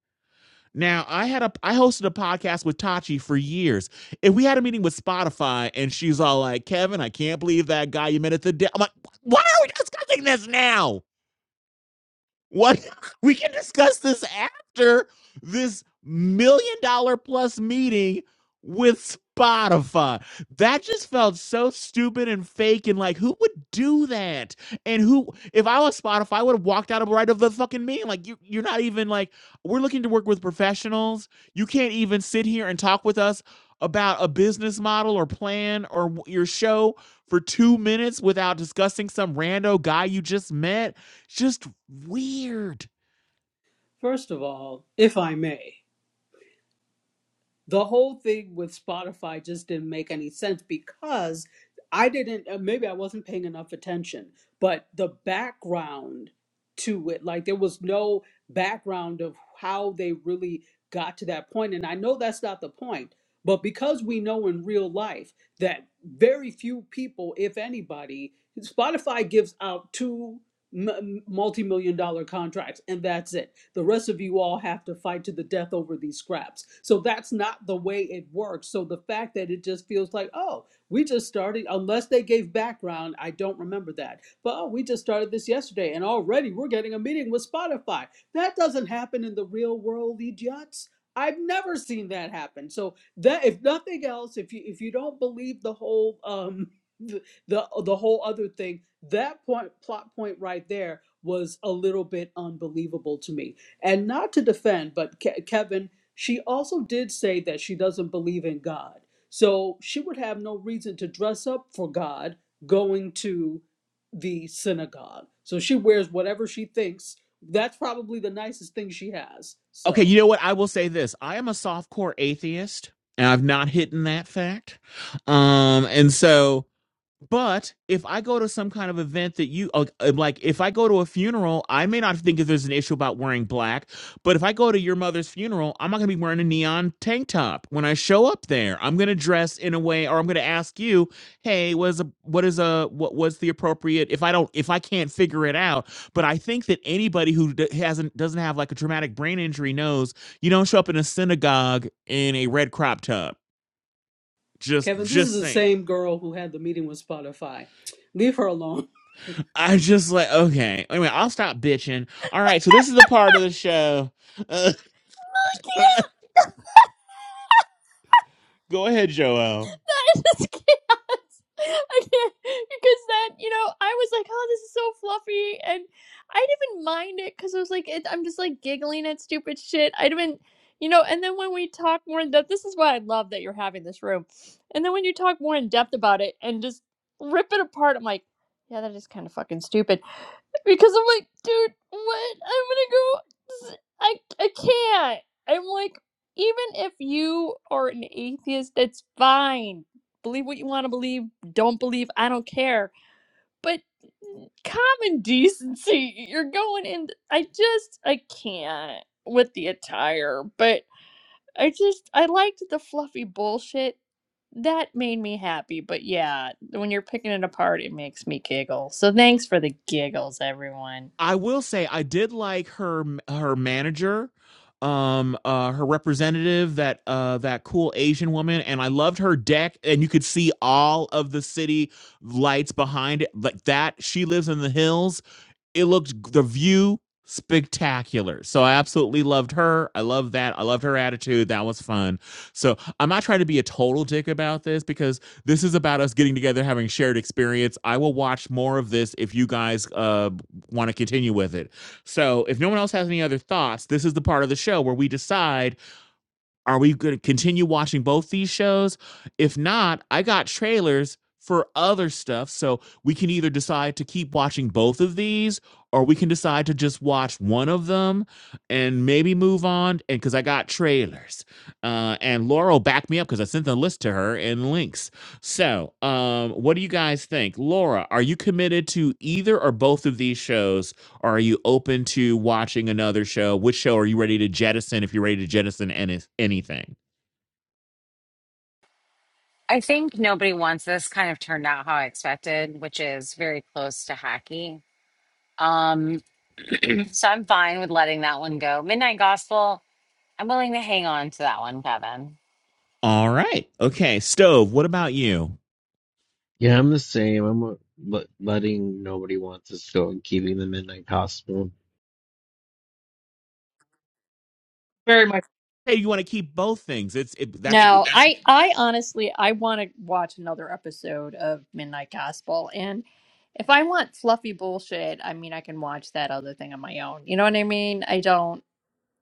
Now, I had a I hosted a podcast with Tachi for years. If we had a meeting with Spotify and she's all like, Kevin, I can't believe that guy you met at the de-. I'm like, why are we discussing this now? What we can discuss this after this million dollar plus meeting with Spotify. That just felt so stupid and fake and like who would do that? And who if I was Spotify, I would have walked out of right of the fucking meeting. Like you you're not even like we're looking to work with professionals. You can't even sit here and talk with us about a business model or plan or your show for 2 minutes without discussing some rando guy you just met just weird.
First of all, if I may, the whole thing with Spotify just didn't make any sense because I didn't, uh, maybe I wasn't paying enough attention, but the background to it, like there was no background of how they really got to that point. And I know that's not the point, but because we know in real life that very few people, if anybody, Spotify gives out two multi million dollar contracts and that's it the rest of you all have to fight to the death over these scraps. So that's not the way it works. So the fact that it just feels like, oh, we just started, unless they gave background, I don't remember that. But oh, we just started this yesterday and already we're getting a meeting with Spotify. That doesn't happen in the real world, idiots. I've never seen that happen. So that if nothing else, if you if you don't believe the whole um the the, the whole other thing, that point plot point right there was a little bit unbelievable to me. And not to defend, but Ke- Kevin, she also did say that she doesn't believe in God. So she would have no reason to dress up for God going to the synagogue. So she wears whatever she thinks. That's probably the nicest thing she has.
Okay,
So,
you know what? I will say this. I am a softcore atheist and I've not hidden that fact. Um and so But if I go to some kind of event that you uh, uh, like, if I go to a funeral, I may not think if there's an issue about wearing black. But if I go to your mother's funeral, I'm not going to be wearing a neon tank top when I show up there. I'm going to dress in a way, or I'm going to ask you, "Hey, what is a what is a what was the appropriate?" If I don't, if I can't figure it out, but I think that anybody who d- hasn't doesn't have like a traumatic brain injury knows you don't show up in a synagogue in a red crop top. Just
Kevin, this is
just
the
saying.
same girl who had the meeting with Spotify. Leave her alone.
I just like okay. Anyway, I'll stop bitching. All right, so this is the part of the show. Uh,
I
go ahead, Joel.
that is chaos. I can't because then you know I was like, oh, this is so fluffy, and I didn't even mind it because I was like, it, I'm just like giggling at stupid shit. I didn't, you know. And then when we talk more in depth, this is why I love that you're having this room. And then when you talk more in depth about it and just rip it apart, I'm like, yeah, that is kind of fucking stupid because I'm like, dude, what? I'm gonna go. I I can't. I'm like, even if you are an atheist, that's fine believe what you want to believe, don't believe, I don't care. But common decency, you're going in. I just, I can't with the attire, but I just, I liked the fluffy bullshit. That made me happy. But yeah, when you're picking it apart, it makes me giggle. So thanks for the giggles, everyone.
I will say I did like her her manager, um, uh, her representative that uh that cool Asian woman, and I loved her deck, and you could see all of the city lights behind it like that. She lives in the hills, it looked the view spectacular. So I absolutely loved her. I love that. I loved her attitude. That was fun. So I'm not trying to be a total dick about this because this is about us getting together, having shared experience. I will watch more of this if you guys uh, want to continue with it. So if no one else has any other thoughts, this is the part of the show where we decide are we going to continue watching both these shows? If not, I got trailers for other stuff. So we can either decide to keep watching both of these or we can decide to just watch one of them and maybe move on. And because I got trailers. Uh, and Laurel backed me up because I sent the list to her and links. So um, what do you guys think? Laura, are you committed to either or both of these shows are you open to watching another show? Which show are you ready to jettison if you're ready to jettison any- anything?
I think nobody wants this kind of turned out how I expected, which is very close to hacky. Um, so I'm fine with letting that one go. Midnight Gospel, I'm willing to hang on to that one, Kevin.
All right. Okay, stove. What about you?
Yeah, I'm the same. I'm uh, let- letting nobody want us go and keeping them in like hospital
Very much.
Hey, you want to keep both things. It's it, that's
No,
it.
That's- I I honestly I want to watch another episode of Midnight Gospel and if I want fluffy bullshit, I mean I can watch that other thing on my own. You know what I mean? I don't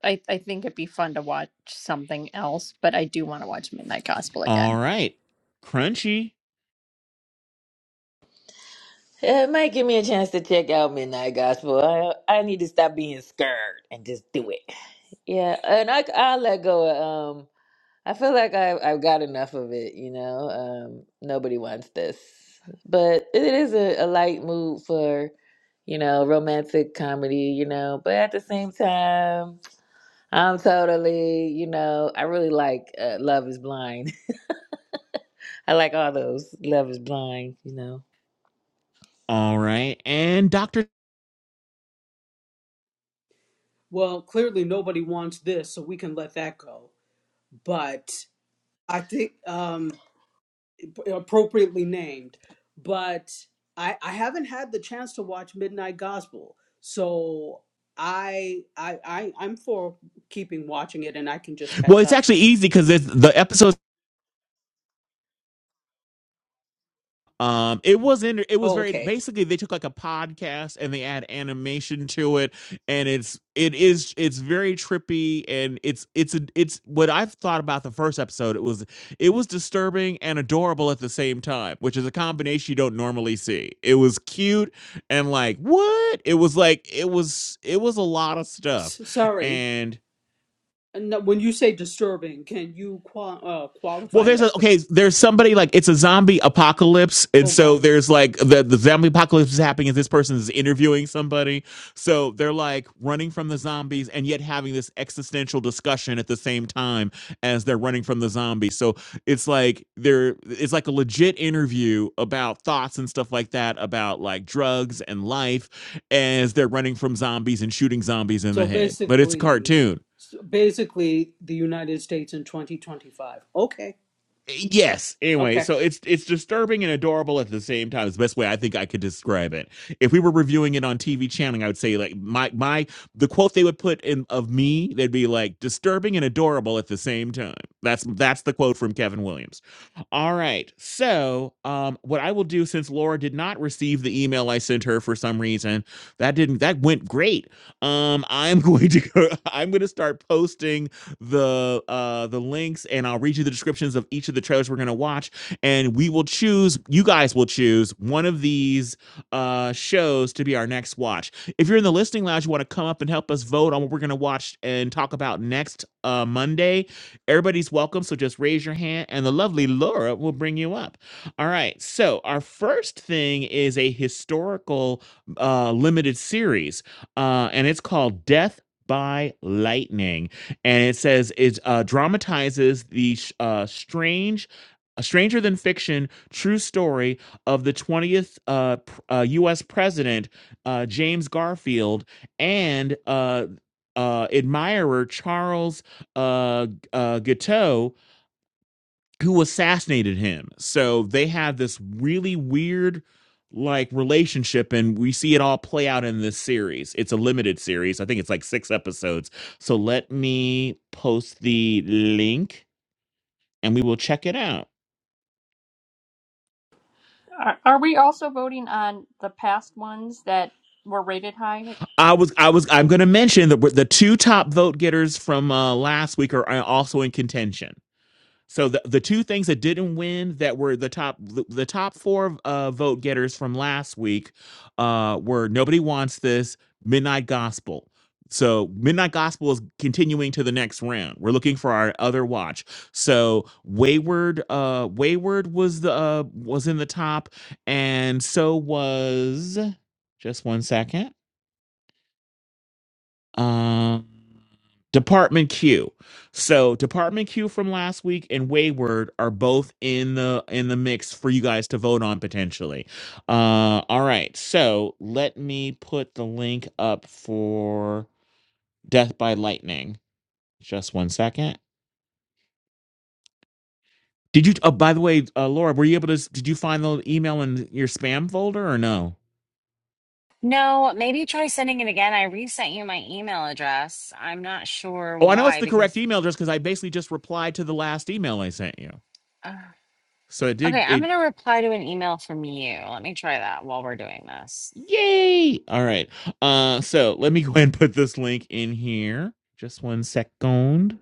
I I think it'd be fun to watch something else, but I do want to watch Midnight Gospel
All
again.
right. Crunchy.
It might give me a chance to check out Midnight Gospel. I I need to stop being scared and just do it. Yeah, and I I'll let go. of um, I feel like I, have I've got enough of it, you know. Um, nobody wants this, but it is a, a light mood for, you know, romantic comedy, you know. But at the same time, I'm totally, you know, I really like uh, Love Is Blind. I like all those Love Is Blind, you know.
All right. And Dr.
Well, clearly nobody wants this, so we can let that go. But I think. um, appropriately named, but I I haven't had the chance to watch Midnight Gospel, so I I, I I'm for keeping watching it, and I can just
Well,
catch
it's
up.
actually easy cuz the episode. Um, it was in, it was
Oh,
very
okay.
basically they took like a podcast and they add animation to it, and it's it is it's very trippy and it's it's a, it's what I've thought about the first episode. It was it was disturbing and adorable at the same time, which is a combination you don't normally see. It was cute and like what? It was like it was it was a lot of stuff,
S- sorry.
and
No, when you say disturbing, can you qual- uh,
Well,
qualify
there's
that?
a
please?
okay. There's somebody like it's a zombie apocalypse, and
Oh,
so
God.
there's like the the zombie apocalypse is happening, and this person is interviewing somebody. So they're like running from the zombies, and yet having this existential discussion at the same time as they're running from the zombies. So it's like they're it's like a legit interview about thoughts and stuff like that about like drugs and life as they're running from zombies and shooting zombies in the
So
head. But it's a
basically,
cartoon.
so basically, the United States in 2025. Okay.
Yes. Anyway,
Okay.
so it's it's disturbing and adorable at the same time. It's the best way I think I could describe it. If we were reviewing it on TV channeling, I would say like my my the quote they would put in of me, they'd be like disturbing and adorable at the same time. That's that's the quote from Kevin Williams. All right. So um what I will do since Laura did not receive the email I sent her for some reason, that didn't that went great. Um I'm going to go I'm gonna start posting the uh the links and I'll read you the descriptions of each of the trailers we're gonna watch, and we will choose. You guys will choose one of these uh shows to be our next watch. If you're in the listening lounge, you want to come up and help us vote on what we're gonna watch and talk about next uh Monday. Everybody's welcome, so just raise your hand, and the lovely Laura will bring you up. All right. So our first thing is a historical uh limited series, uh, and it's called Death by Lightning and it says it uh, dramatizes the sh- uh, strange, a stranger than fiction true story of the 20th uh, pr- uh, U.S. president uh, James Garfield and uh, uh, admirer Charles uh, uh, Guiteau who assassinated him. So they had this really weird like relationship and we see it all play out in this series. It's a limited series. I think it's like 6 episodes. So let me post the link and we will check it out.
Are, are we also voting on the past ones that were rated high?
I was I was I'm going to mention that the two top vote getters from uh, last week are uh, also in contention. So the the two things that didn't win that were the top the, the top four uh, vote getters from last week uh, were nobody wants this midnight gospel. So midnight gospel is continuing to the next round. We're looking for our other watch. So wayward uh, wayward was the uh, was in the top, and so was just one second. Um, Department Q. So Department Q from last week and Wayward are both in the in the mix for you guys to vote on potentially. Uh, all right. So let me put the link up for Death by Lightning. Just one second. Did you? Oh, by the way, uh, Laura, were you able to? s- Did you find the email in your spam folder or no?
No, maybe try sending it again. I resent you my email address. I'm not sure
Oh, I know it's
why
the correct
because
email just because I basically just replied to the last email I sent you.
uh,
So it
okay,
did.
I'm
It.
gonna reply to an email from you. Let me try that while we're doing this.
Yay! All right. Uh, so let me go ahead and put this link in here. Just one second.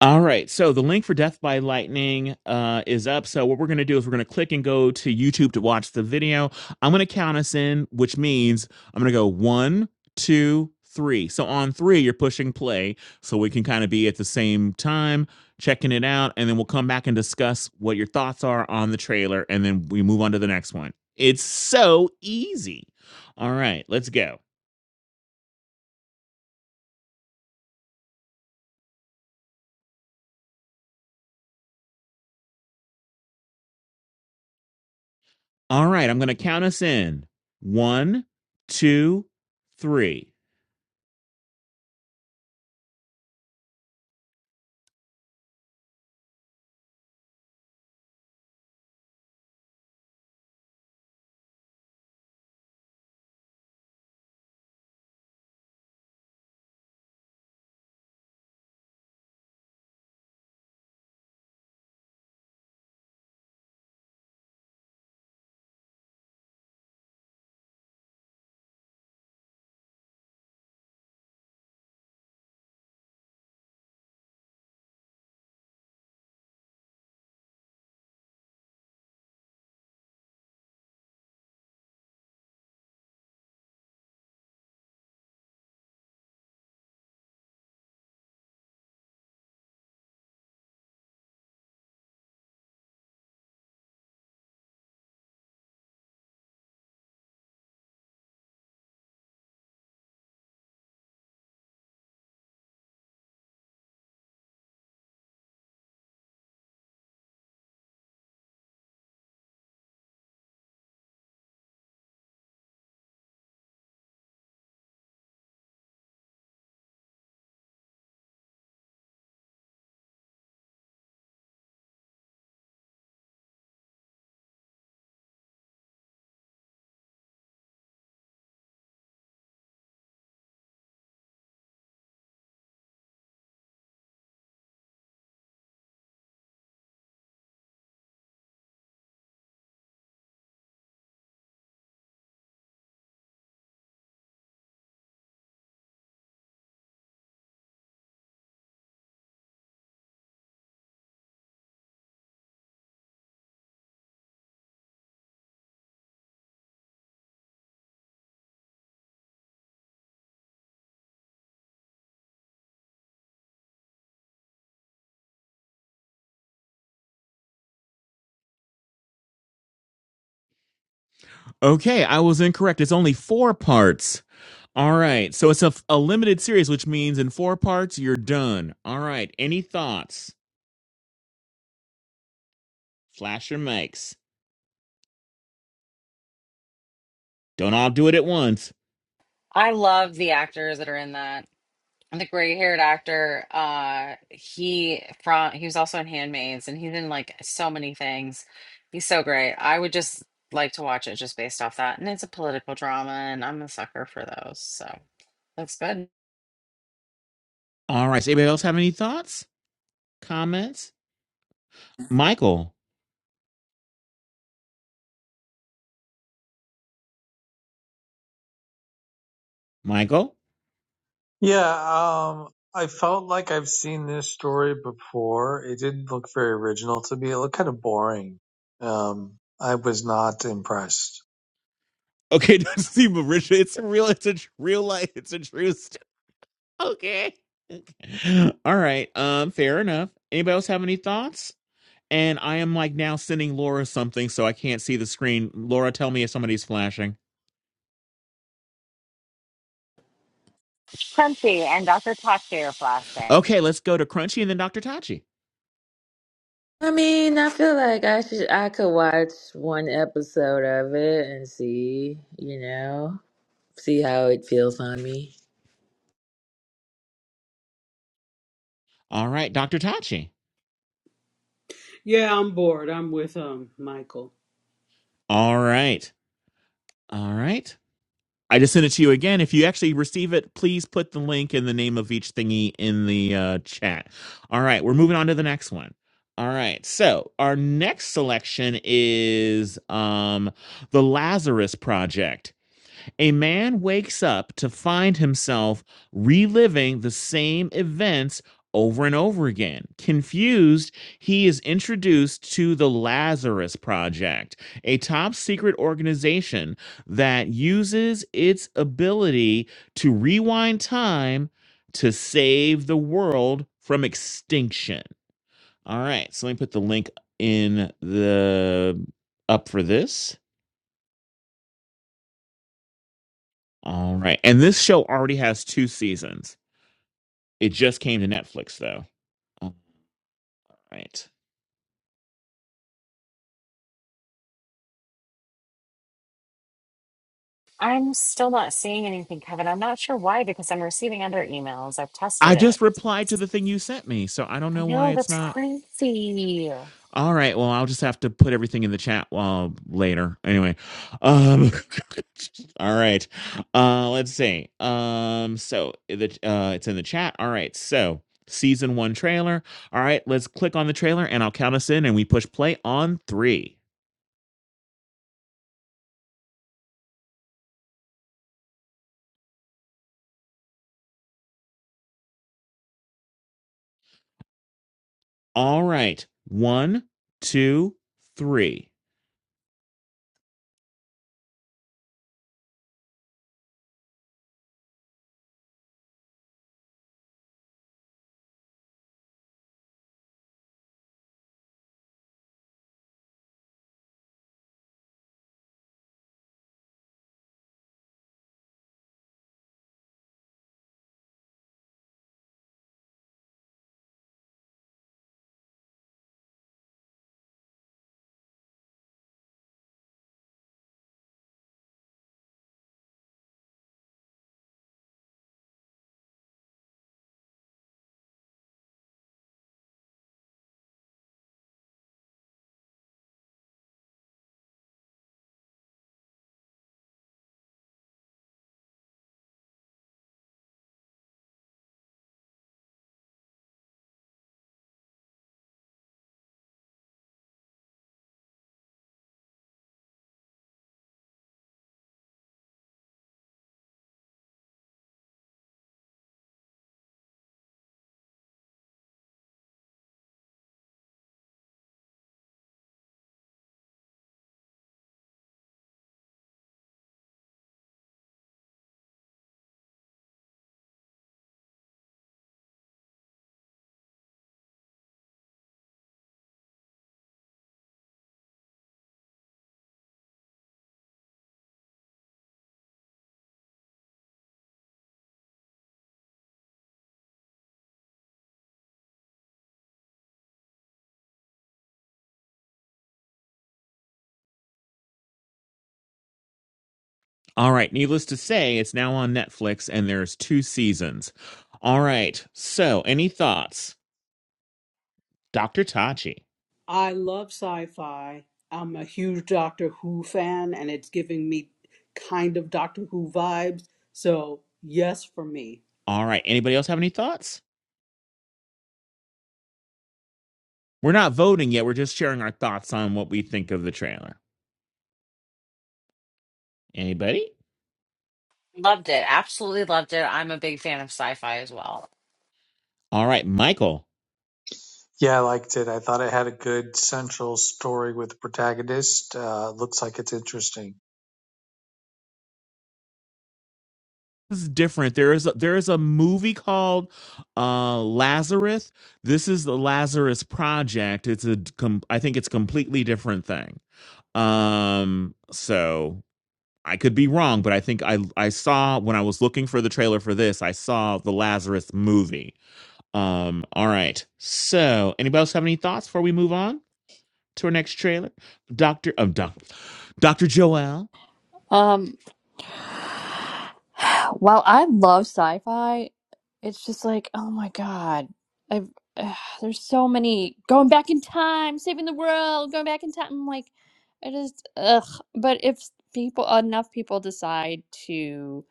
All right. So the link for Death by Lightning uh, is up. So what we're going to do is we're going to click and go to YouTube to watch the video. I'm going to count us in, which means I'm going to go one, two, three. So on three, you're pushing play so we can kind of be at the same time checking it out. And then we'll come back and discuss what your thoughts are on the trailer. And then we move on to the next one. It's so easy. All right. Let's go. All right. I'm going to count us in one, two, three. Okay, I was incorrect. It's only four parts. All right, so it's a, a limited series, which means in four parts you're done. All right, any thoughts? Flash your mics. Don't all do it at once.
I love the actors that are in that. The gray-haired actor, uh, he from he was also in Handmaids, and he's in like so many things. He's so great. I would just like to watch it just based off that, and it's a political drama, and I'm a sucker for those. So that's good.
All right, so anybody else have any thoughts, comments? Michael, Michael.
Yeah, um, I felt like I've seen this story before. It didn't look very original to me. It looked kind of boring. Um, I was not impressed.
Okay, don't see Marisha. It's a real. It's a tr- real life. It's a true. story. okay. All right. Um. Fair enough. Anybody else have any thoughts? And I am like now sending Laura something, so I can't see the screen. Laura, tell me if somebody's flashing.
Crunchy and Dr. Cocktail Flashbang.
Okay, let's go to Crunchy and then Dr. Tachi.
I mean, I feel like I should, I could watch one episode of it and see, you know, see how it feels on me.
All right, Dr. Tachi.
Yeah, I'm bored. I'm with um Michael.
All right. All right. I just sent it to you again. If you actually receive it, please put the link and the name of each thingy in the uh, chat. All right, we're moving on to the next one. All right. So, our next selection is um The Lazarus Project. A man wakes up to find himself reliving the same events over and over again. Confused, he is introduced to the Lazarus Project, a top secret organization that uses its ability to rewind time to save the world from extinction. All right, so let me put the link in the up for this. All right. And this show already has two seasons. It just came to Netflix though. All right.
I'm still not seeing anything, Kevin. I'm not sure why, because I'm receiving other emails. I've tested
I
it.
just replied to the thing you sent me, so I don't
I
know why
know
it's
that's
not.
crazy.
All right. Well, I'll just have to put everything in the chat while later. Anyway. Um All right. Uh let's see. Um so the uh it's in the chat. All right. So, season 1 trailer. All right, let's click on the trailer and I'll count us in and we push play on 3. All right. One, two, three. All right. Needless to say, it's now on Netflix and there's two seasons. All right. So, any thoughts? Dr. Tachi.
I love sci-fi. I'm a huge Doctor Who fan, and it's giving me kind of Doctor Who vibes. So, yes, for me.
All right. Anybody else have any thoughts? We're not voting yet. We're just sharing our thoughts on what we think of the trailer. Anybody?
Loved it. Absolutely loved it. I'm a big fan of sci-fi as well.
All right, Michael.
Yeah, I liked it. I thought it had a good central story with the protagonist. Uh, looks like it's interesting.
This is different. There is a, there is a movie called uh, Lazarus. This is the Lazarus Project. It's a com- I think it's a completely different thing. Um so I could be wrong, but I think I I saw when I was looking for the trailer for this, I saw the Lazarus movie. Um, all right. So, anybody else have any thoughts before we move on to our next trailer? Doctor, um, doc, Doctor Joelle?
Um, while I love sci-fi, it's just like, oh my God, I've uh, there's so many going back in time, saving the world, going back in time. I'm like, I just ugh. But if people enough people decide to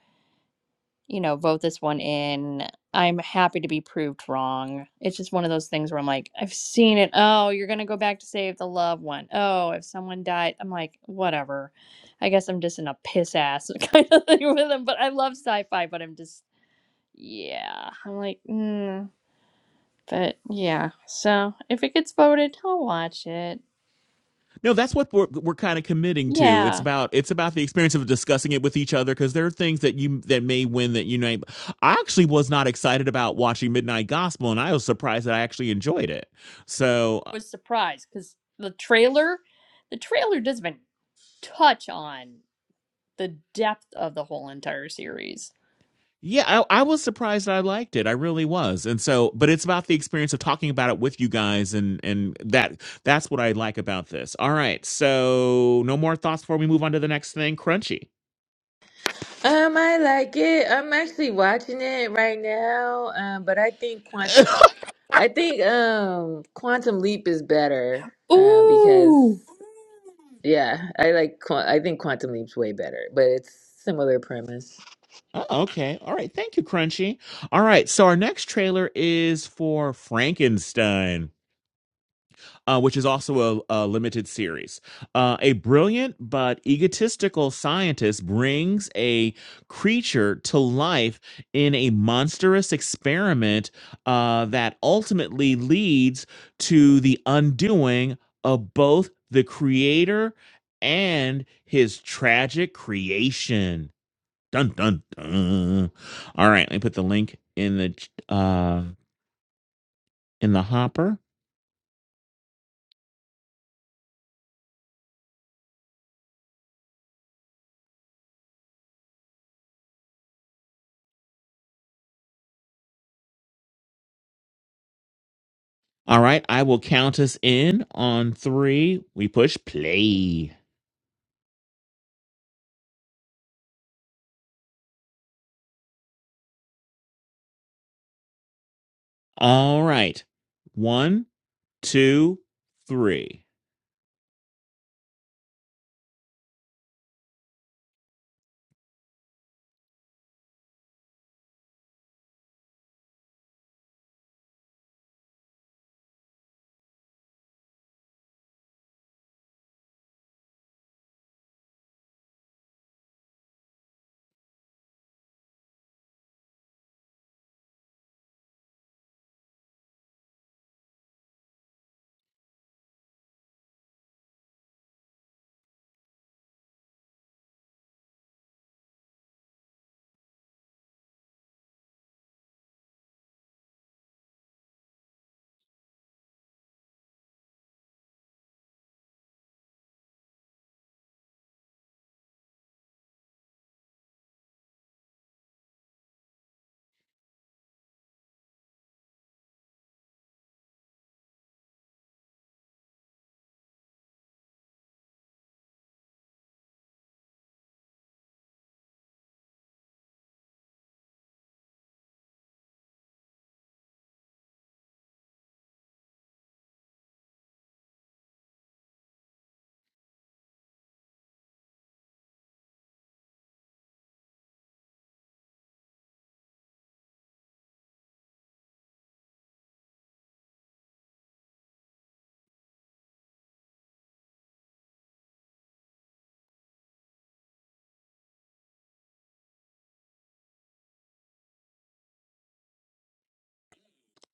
you know, vote this one in. I'm happy to be proved wrong. It's just one of those things where I'm like, I've seen it. Oh, you're going to go back to save the loved one. Oh, if someone died, I'm like, whatever. I guess I'm just in a piss ass kind of thing with them. But I love sci fi, but I'm just, yeah. I'm like, mm. But yeah. So if it gets voted, I'll watch it.
No, that's what we're, we're kind of committing to. It's
Yeah.
about it's about the experience of discussing it with each other because there are things that you that may win that you may. I actually was not excited about watching Midnight Gospel, and I was surprised that I actually enjoyed it. So
Was surprised because the trailer, the trailer doesn't even touch on. the depth of the whole entire series.
Yeah, I, I was surprised that I liked it. I really was. And so, but it's about the experience of talking about it with you guys and and that that's what I like about this. All right. So, no more thoughts before we move on to the next thing, Crunchy.
Um, I like it. I'm actually watching it right now. Um, but I think quant I think um Quantum Leap is better. Uh, because
Ooh.
yeah, I like Qu I think Quantum Leap's way better, but it's similar premise.
Oh, okay. All right. Thank you, Crunchy. All right. So, our next trailer is for Frankenstein. uh, which is also a, a limited series. Uh, a brilliant but egotistical scientist brings a creature to life in a monstrous experiment uh, that ultimately leads to the undoing of both the creator and his tragic creation. Dun dun dun. All right, let me put the link in the uh, in the hopper. All right, I will count us in on three. We push play. All right. One, two, three.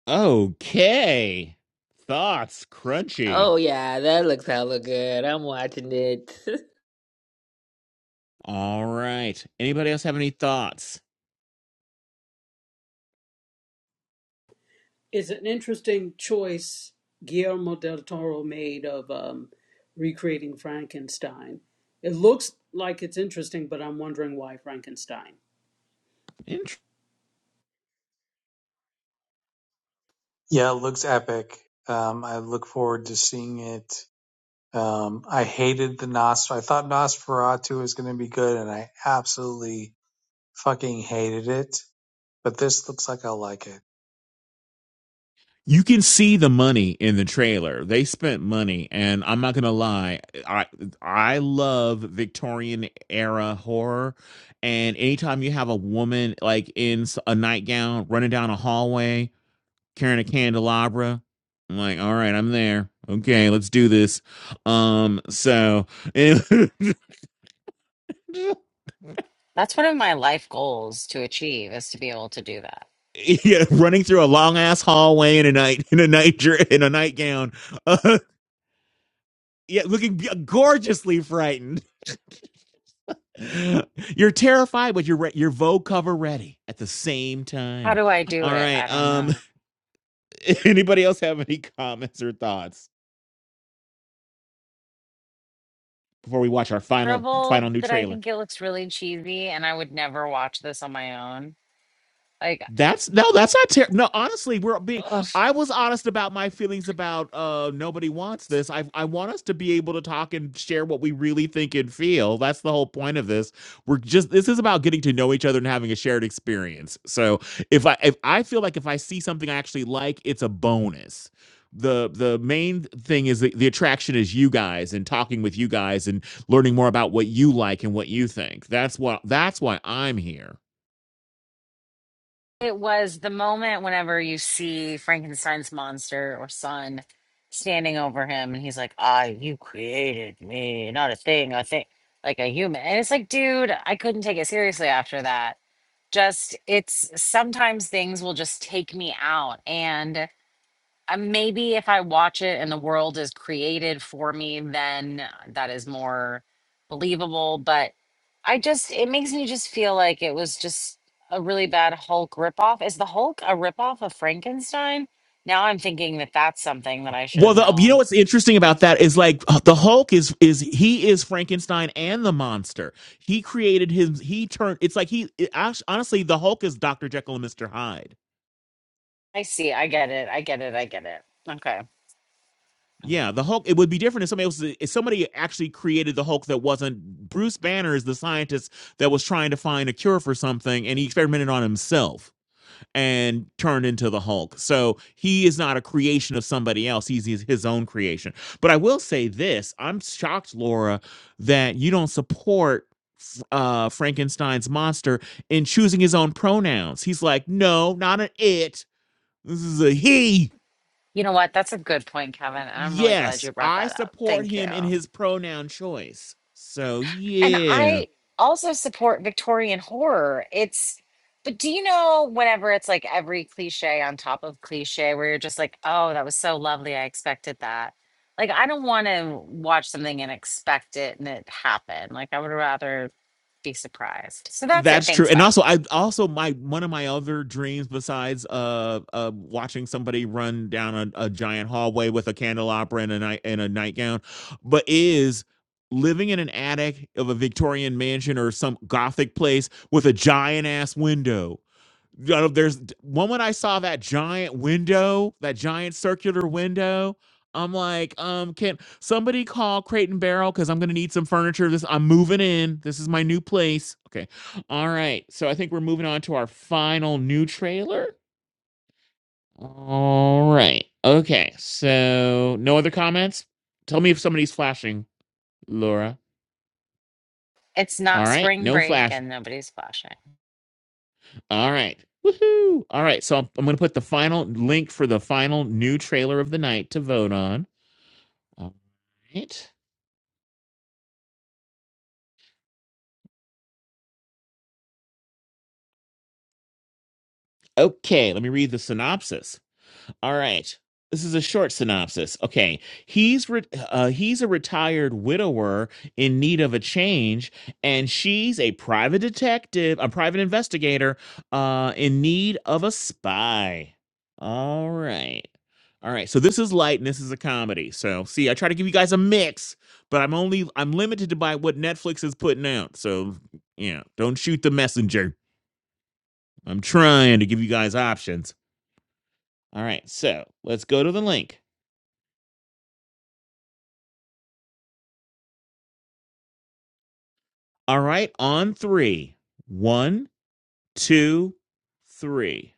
Okay. Thoughts, crunchy.
Oh yeah, that looks hella good. I'm watching it.
All right. Anybody else have any thoughts?
It's an interesting choice Guillermo del Toro made of um, recreating Frankenstein. It looks like it's interesting, but I'm wondering why Frankenstein.
Interesting.
Yeah, it looks epic. Um, I look forward to seeing it. Um, I hated the Nos. I thought Nosferatu was going to be good, and I absolutely fucking hated it. But this looks like I'll like it.
you can see the money in the trailer. They spent money, and I'm not gonna lie, I I love Victorian era horror. And anytime you have a woman like in a nightgown running down a hallway carrying a candelabra, I'm like, all right, I'm there. Okay, let's do this. Um, so and
That's one of my life goals to achieve is to be able to do that.
yeah, running through a long ass hallway in a night in a night in a nightgown. Uh, yeah, looking gorgeously frightened. you're terrified, but you're re- your Vogue cover ready at the same
How
time.
do I do
All
it? I
right.
don't
Um,
know.
anybody else have any comments or thoughts before we watch our final final
Terrible
new
that I
trailer?
think it looks really cheesy and I would never watch this on my own. Like,
That's no, that's not terrible. No, honestly, we're being.
ugh.
I was honest about my feelings about uh nobody wants this. I I want us to be able to talk and share what we really think and feel. That's the whole point of this. We're just this is about getting to know each other and having a shared experience. So if I if I feel like if I see something I actually like, it's a bonus. The the main thing is the, the attraction is you guys and talking with you guys and learning more about what you like and what you think. That's what that's why I'm here.
It was the moment whenever you see Frankenstein's monster or son standing over him, and he's like, "Ah, you created me, not a thing, a thing, like a human." And it's like, dude, I couldn't take it seriously after that. Just, it's sometimes things will just take me out, and. Uh, maybe if I watch it and the world is created for me, then uh, that is more believable. But I just, it makes me just feel like it was just a really bad Hulk ripoff. Is the Hulk a ripoff of Frankenstein? Now I'm thinking that that's something that I should
Well,
have
the, you know
known.
what's interesting about that is like the Hulk is is he is Frankenstein and the monster. He created his he turned. It's like he it, act- honestly the Hulk is Doctor Jekyll and Mister Hyde.
I see. I get it. I get it. I get it. Okay.
Yeah, the Hulk. It would be different if somebody else if somebody actually created the Hulk that wasn't Bruce Banner is the scientist that was trying to find a cure for something and he experimented on himself. and turned into the Hulk. So he is not a creation of somebody else. He's his his own creation. But I will say this I'm shocked, Laura, that you don't support f- uh, Frankenstein's monster in choosing his own pronouns. He's like, no, not an it. This is a he.
You know what? That's a good point, Kevin. And I'm really glad
Yes,
you brought
I
that up.
support
Thank you.
him in his pronoun choice. So,
And
yeah.
I also support Victorian horror. It's, but do you know whenever it's like every cliche on top of cliche where you're just like, oh, that was so lovely. I expected that. Like, I don't want to watch something and expect it and it happen. Like, I would rather be surprised. So that's it.
That's true.
Thanks.
And
Bye.
also I also my one of my other dreams besides uh uh watching somebody run down a, a giant hallway with a candelabra and a night and a nightgown, but is living in an attic of a Victorian mansion or some gothic place with a giant ass window you know, there's one when I saw that giant window, that giant circular window. I'm like, um, can somebody call Crate and Barrel because I'm gonna need some furniture. This I'm moving in. This is my new place. Okay, all right. So I think we're moving on to our final new trailer. All right. Okay. So no other comments. Tell me if somebody's flashing, Laura.
It's
All
not
right.
spring
No
break
flash.
and nobody's flashing.
All right. Woohoo. All right. So I'm, I'm going to put the final link for the final new trailer of the night to vote on. All right. Okay. Let me read the synopsis. All right. This is a short synopsis. Okay, he's re- uh, he's a retired widower in need of a change, and she's a private detective, a private investigator, uh, in need of a spy. All right, all right. So this is light, and this is a comedy. So see, I try to give you guys a mix, but I'm only I'm limited to by what Netflix is putting out. So yeah, don't shoot the messenger. I'm trying to give you guys options. All right, so let's go to the link. All right, on three. One, two, three.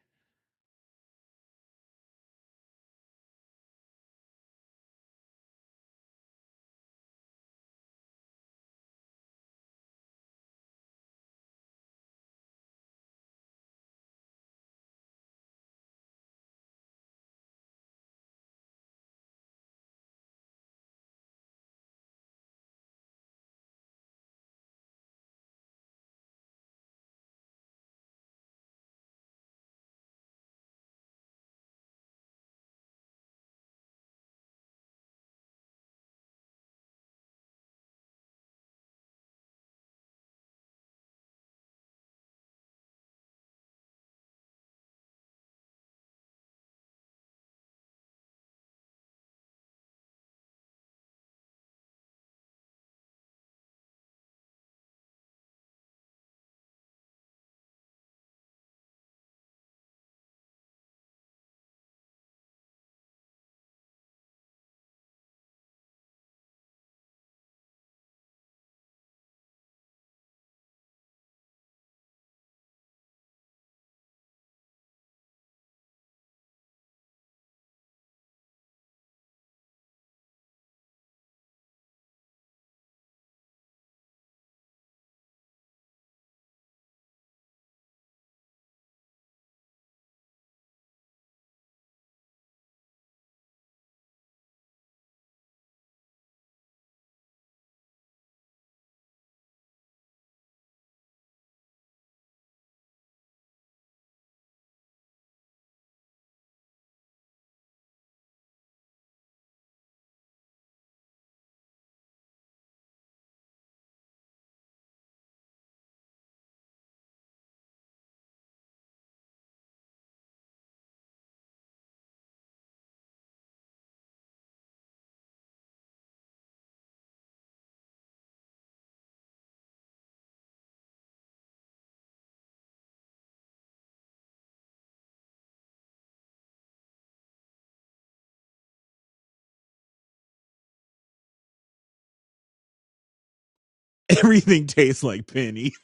Everything tastes like pennies.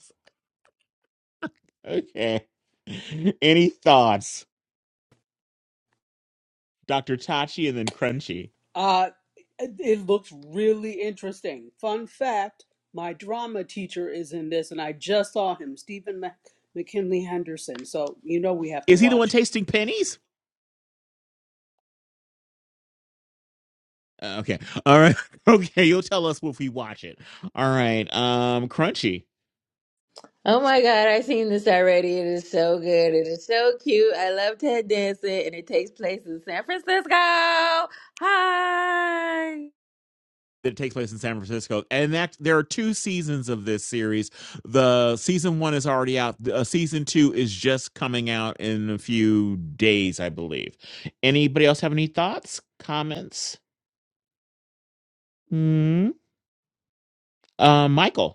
Okay. Any thoughts? Dr. Tachi and then Crunchy.
Uh, it it looks really interesting. Fun fact, my drama teacher is in this, and I just saw him, Stephen Mc- McKinley Henderson. So you know we have to
Is he the one
watch it.
tasting pennies? Uh, Okay. All right. Okay, you'll tell us if we watch it. All right. Um, Crunchy.
Oh my God, I've seen this already. It is so good. It is so cute. I love Ted Danson, and it takes place in San Francisco. Hi.
that takes place in San Francisco. And that there are two seasons of this series. The season one is already out. Uh, season two is just coming out in a few days, I believe. Anybody else have any thoughts, comments? Hmm. Uh, Michael.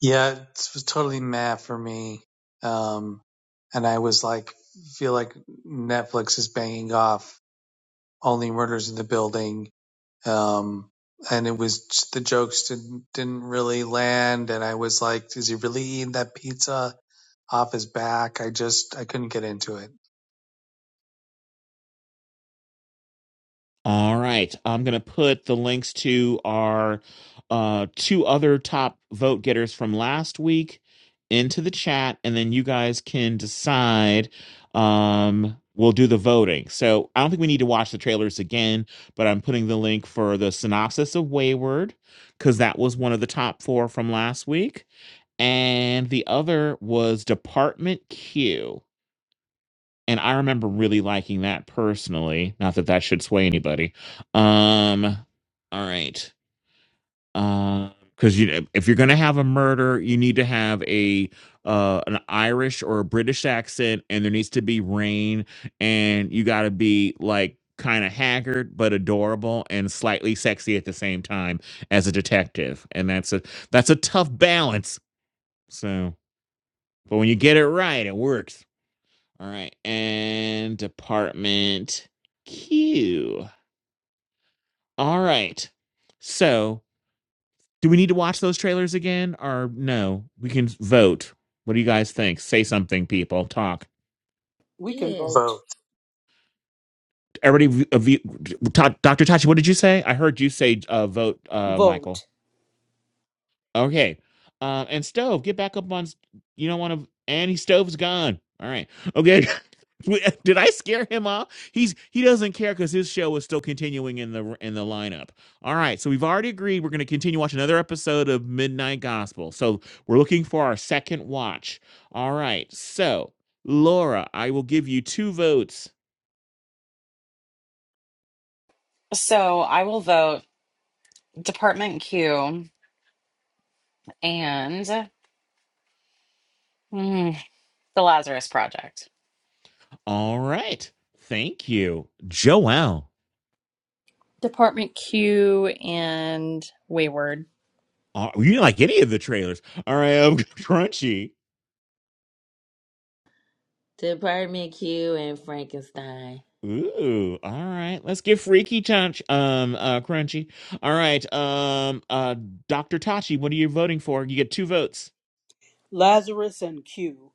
Yeah, it was totally meh for me. Um, and I was like, feel like Netflix is banging off only murders in the building. Um, and it was just, the jokes didn't, didn't really land. And I was like, is he really eating that pizza off his back? I just, I couldn't get into it.
All right. I'm going to put the links to our uh, two other top vote getters from last week into the chat, and then you guys can decide. Um, we'll do the voting. So I don't think we need to watch the trailers again, but I'm putting the link for the synopsis of Wayward because that was one of the top four from last week. And the other was Department Q and I remember really liking that personally. Not that that should sway anybody. Um, all right, Um, because you know, if you're gonna have a murder, you need to have a uh, an Irish or a British accent, and there needs to be rain, and you got to be like kind of haggard but adorable and slightly sexy at the same time as a detective, and that's a that's a tough balance. So, but when you get it right, it works. All right. And department Q. All right. So, do we need to watch those trailers again or no? We can vote. What do you guys think? Say something, people. Talk.
We can
Yeah.
vote.
Both
Everybody, uh, v- Dr. Tachi, what did you say? I heard you say uh, vote, uh, Michael.
Vote.
Okay. Um, and stove, get back up on. s- You don't want to. And he stove's gone. All right. Okay. Did I scare him off? He's he doesn't care because his show is still continuing in the in the lineup. All right, so we've already agreed we're going to continue watching another episode of Midnight Gospel. So we're looking for our second watch. All right, so Laura, I will give you two votes.
Oh, thank you. And mm, the Lazarus Project.
All right, thank you, Joelle.
Department Q and Wayward.
Oh, you didn't like any of the trailers? All right, I'm crunchy.
to Apartment Q and Frankenstein.
Ooh, all right. Let's get freaky, Touch. Um, uh, Crunchy. All right. Um, uh, Doctor Tachi, what are you voting for? You get two votes.
Lazarus and Q.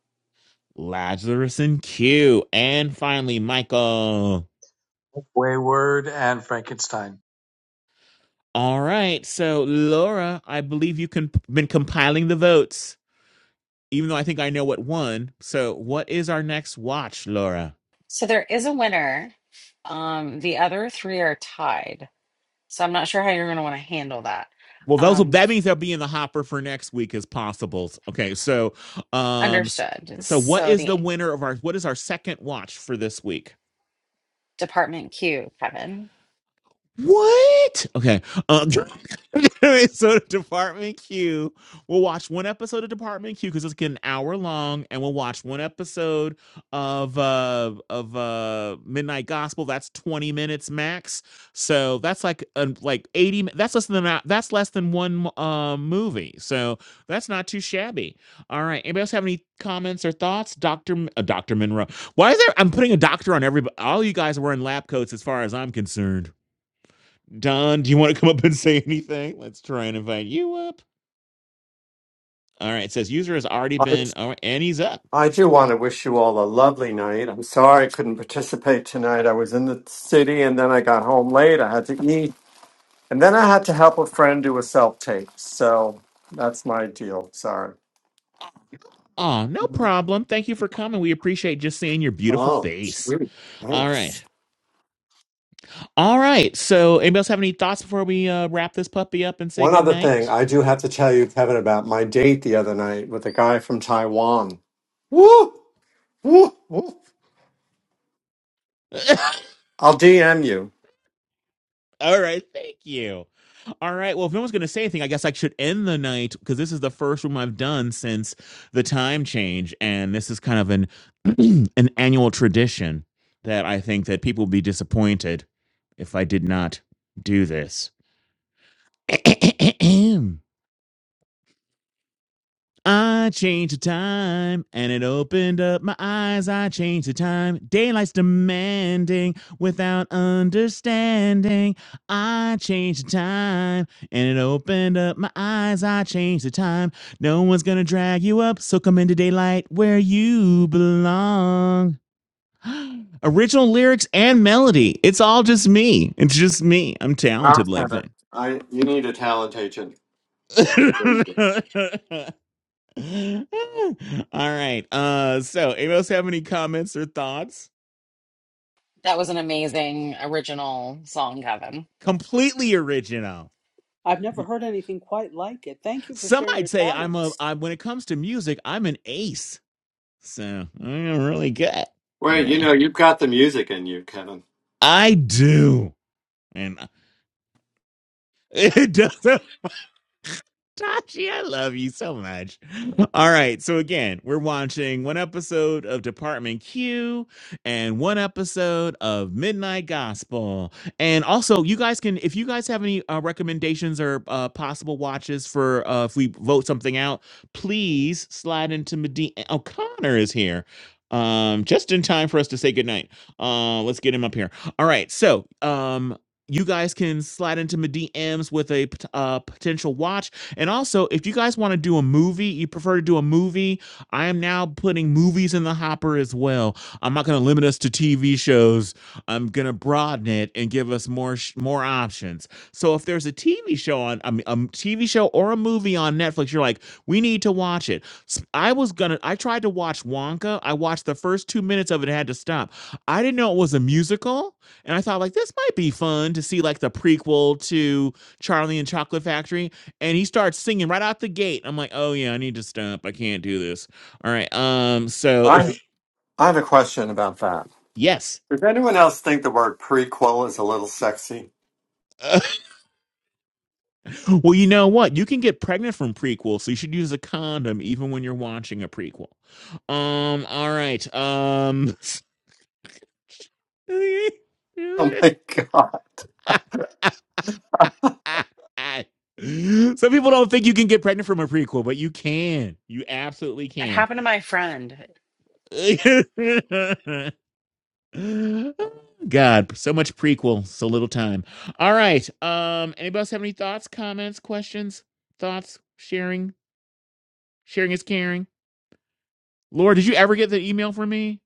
Lazarus and Q, and finally Michael.
Wayward and Frankenstein.
All right. So Laura, I believe you can been compiling the votes, even though I think I know what won. So what is our next watch, Laura?
So there is a winner. Um, the other three are tied. So I'm not sure how you're going to want to handle that.
Well, those will
Um,
that means they'll be in the hopper for next week as possibles. Okay, so um
understood.
so what
So
is
the
the winner of our what is our second watch for this week?
Department Q, Kevin.
What? Okay. Um, so Department Q, we'll watch one episode of Department Q because it's getting an hour long, and we'll watch one episode of uh of uh Midnight Gospel. That's twenty minutes max. So that's like uh, like eighty. That's less than a- that's less than one uh, movie. So that's not too shabby. All right. Anybody else have any comments or thoughts, Doctor uh, Doctor Monroe? Why is there? I'm putting a doctor on everybody. All you guys are wearing lab coats, as far as I'm concerned. Don, do you want to come up and say anything? Let's try and invite you up. All right. It says user has already
I
been, Oh, and he's up.
I do want to wish you all a lovely night. I'm sorry I couldn't participate tonight. I was in the city and then I got home late. I had to eat and then I had to help a friend do a self tape. So that's my deal. Sorry.
Oh, no problem. Thank you for coming. We appreciate just seeing your beautiful
Oh,
face.
sweet.
All right.
Thanks.
All right. So, anybody else have any thoughts before we uh, wrap this puppy up and say
One other thing,
goodnight?
I do have to tell you, Kevin, about my date the other night with a guy from Taiwan. Woo! Woo, woo. I'll DM you.
All right, thank you. All right, well, if no one's going to say anything, I guess I should end the night because this is the first room I've done since the time change, and this is kind of an an annual tradition that I think that people would be disappointed if I did not do this. I changed the time and it opened up my eyes. I changed the time. Daylight's demanding without understanding. I changed the time and it opened up my eyes. I changed the time. No one's gonna drag you up, so come into daylight where you belong. Original lyrics and melody. It's all just me. It's just me. I'm
Wow,
talented like
Kevin.
that.
I you need a talent agent.
All right. Uh so Amos have any comments or thoughts?
That was an amazing original song, Kevin.
Completely original.
I've never heard anything quite like it. Thank you for
Some
sharing your
might say I'm a
talents.
I when it comes to music, I'm an ace. So I'm really good. All
Wait, you
right.
know you've got the music in you, Kevin.
I do. And it does Tashi, I love you so much. All right. So, again, we're watching one episode of Department Q and one episode of Midnight Gospel. And also, you guys can, if you guys have any uh, recommendations or uh, possible watches for uh, if we vote something out, please slide into Medina. O'Connor is here. Um, just in time for us to say goodnight. Uh, let's get him up here. All right. So, um, you guys can slide into my DMs with a pot- uh, potential watch and also, if you guys want to do a movie, you prefer to do a movie, I am now putting movies in the hopper as well. I'm not going to limit us to TV shows. I'm going to broaden it and give us more sh- more options. So if there's a TV show on I mean, a m- TV show or a movie on Netflix, you're like, we need to watch it. S- I was gonna. I tried to watch Wonka. I watched the first two minutes of it. Had to stop. I didn't know it was a musical, and I thought like this might be fun to see like the prequel to Charlie and Chocolate Factory and he starts singing right out the gate. I'm like, oh yeah, I need to stop. I can't do this. All right. Um. So
I
if,
I have a question about that.
yes.
Does anyone else think the word prequel is a little sexy?
Uh, well, you know what? You can get pregnant from prequels, so you should use a condom even when you're watching a prequel. Um. All right. Um.
Oh my god!
Some people don't think you can get pregnant from a prequel, but you can. You absolutely
It
can.
happened to my friend.
God, so much prequel, so little time. All right. Um, anybody else have any thoughts, comments, questions, thoughts, sharing? Sharing is caring. Laura, did you ever get the email from me?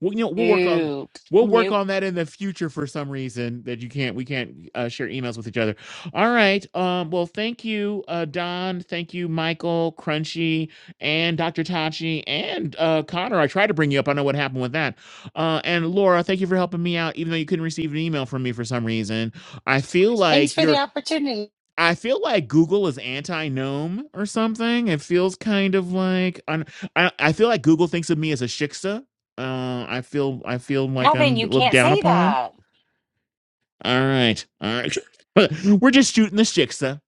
Well, you know, we'll work on
Nope.
we'll work
Nope.
on that in the future for some reason that you can't we can't uh, share emails with each other. All right. Um. Well, thank you, uh, Don. Thank you, Michael, Crunchy, and Dr. Tachi, and uh, Connor. I tried to bring you up. I know what happened with that. Uh, and Laura, thank you for helping me out, even though you couldn't receive an email from me for some reason. I feel
Thanks
like
for
you're.
the opportunity.
I feel like Google is anti gnome or something. It feels kind of like I, I I feel like Google thinks of me as a shiksa. Uh, I feel I feel like
Kevin,
I'm
you
looked
can't
down
say
upon.
that.
All right, all right. We're just shooting the shiksa.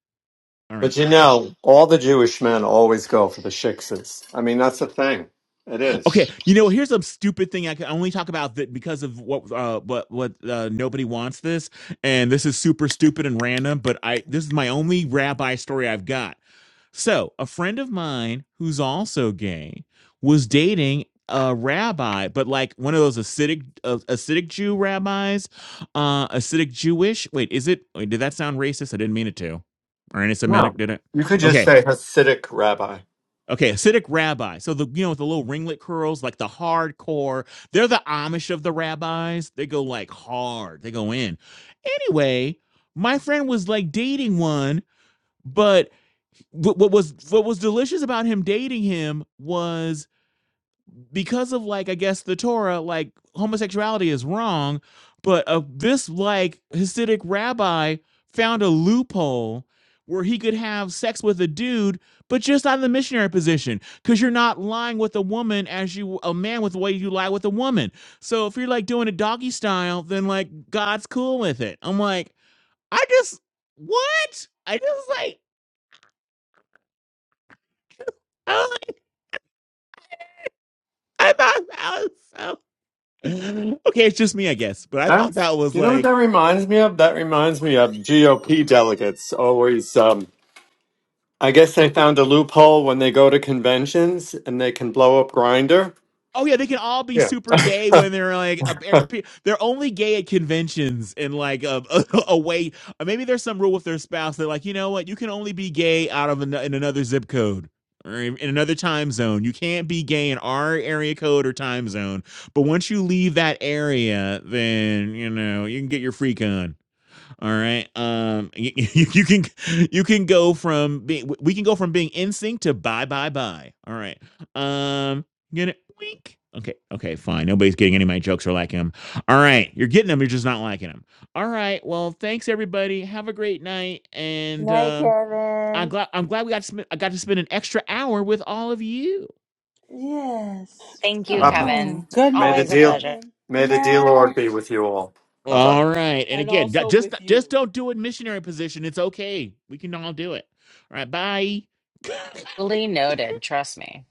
All
But
right.
you know, all the Jewish men always go for the shiksas. I mean, that's a thing. It
Okay.
is.
You know, here's a stupid thing I can only talk about that because of what uh what what uh, nobody wants this, and this is super stupid and random. But I this is my only rabbi story I've got So, a friend of mine who's also gay was dating a rabbi, but like one of those acidic uh, acidic Jew rabbis, uh acidic Jewish. Wait, is it wait, did that sound racist? I didn't mean it to. Or anti-Semitic,
No,
did it?
you could just
Okay.
say Hasidic rabbi.
Okay, Acidic rabbi. So the you know with the little ringlet curls, like the hardcore. They're the Amish of the rabbis. They go like hard. They go in. Anyway, my friend was like dating one, but what, what was what was delicious about him dating him was because of like I guess the Torah, like homosexuality is wrong, but uh, this like Hasidic rabbi found a loophole where he could have sex with a dude, but just out of the missionary position, because you're not lying with a woman as you a man with the way you lie with a woman. So if you're like doing a doggy style, then like God's cool with it. I'm like, I just what? I just like. I thought that was so. Okay, it's just me, I guess. But I thought
That's
that was
you know what
like,
that reminds me of. That reminds me of GOP delegates always. Um, I guess they found a loophole when they go to conventions and they can blow up Grinder.
oh yeah, they can all be
Yeah.
super gay when they're like, a, a- they're only gay at conventions and like a, a, a way. Or maybe there's some rule with their spouse. They're like, you know what, you can only be gay out of an, in another zip code. Or in in another time zone, you can't be gay in our area code or time zone. But once you leave that area, then you know you can get your freak on. All right. Um, you, you can you can go from being we can go from being in sync to bye bye bye. All right. Um, get it? Wink. Okay. Okay. Fine. Nobody's getting any of my jokes or liking them. All right. You're getting them. You're just not liking them. All right. Well, thanks everybody. Have a great night. And
Night,
um, I'm
Kevin.
glad I'm glad we got to spend, I got to spend an extra hour with all of you.
Yes.
Thank you,
Oh.
Papa,
Mwah.
Kevin.
Good
may the
Always
night,
a
deal,
pleasure.
Kevin,
may
Good
the deal,
night.
Lord, be with you all. Bye bye.
All right. And
and
again, ju-
also
just
with
just
you.
don't do it missionary position. It's okay. We can all do it. All right. Bye.
Fully noted. Trust me.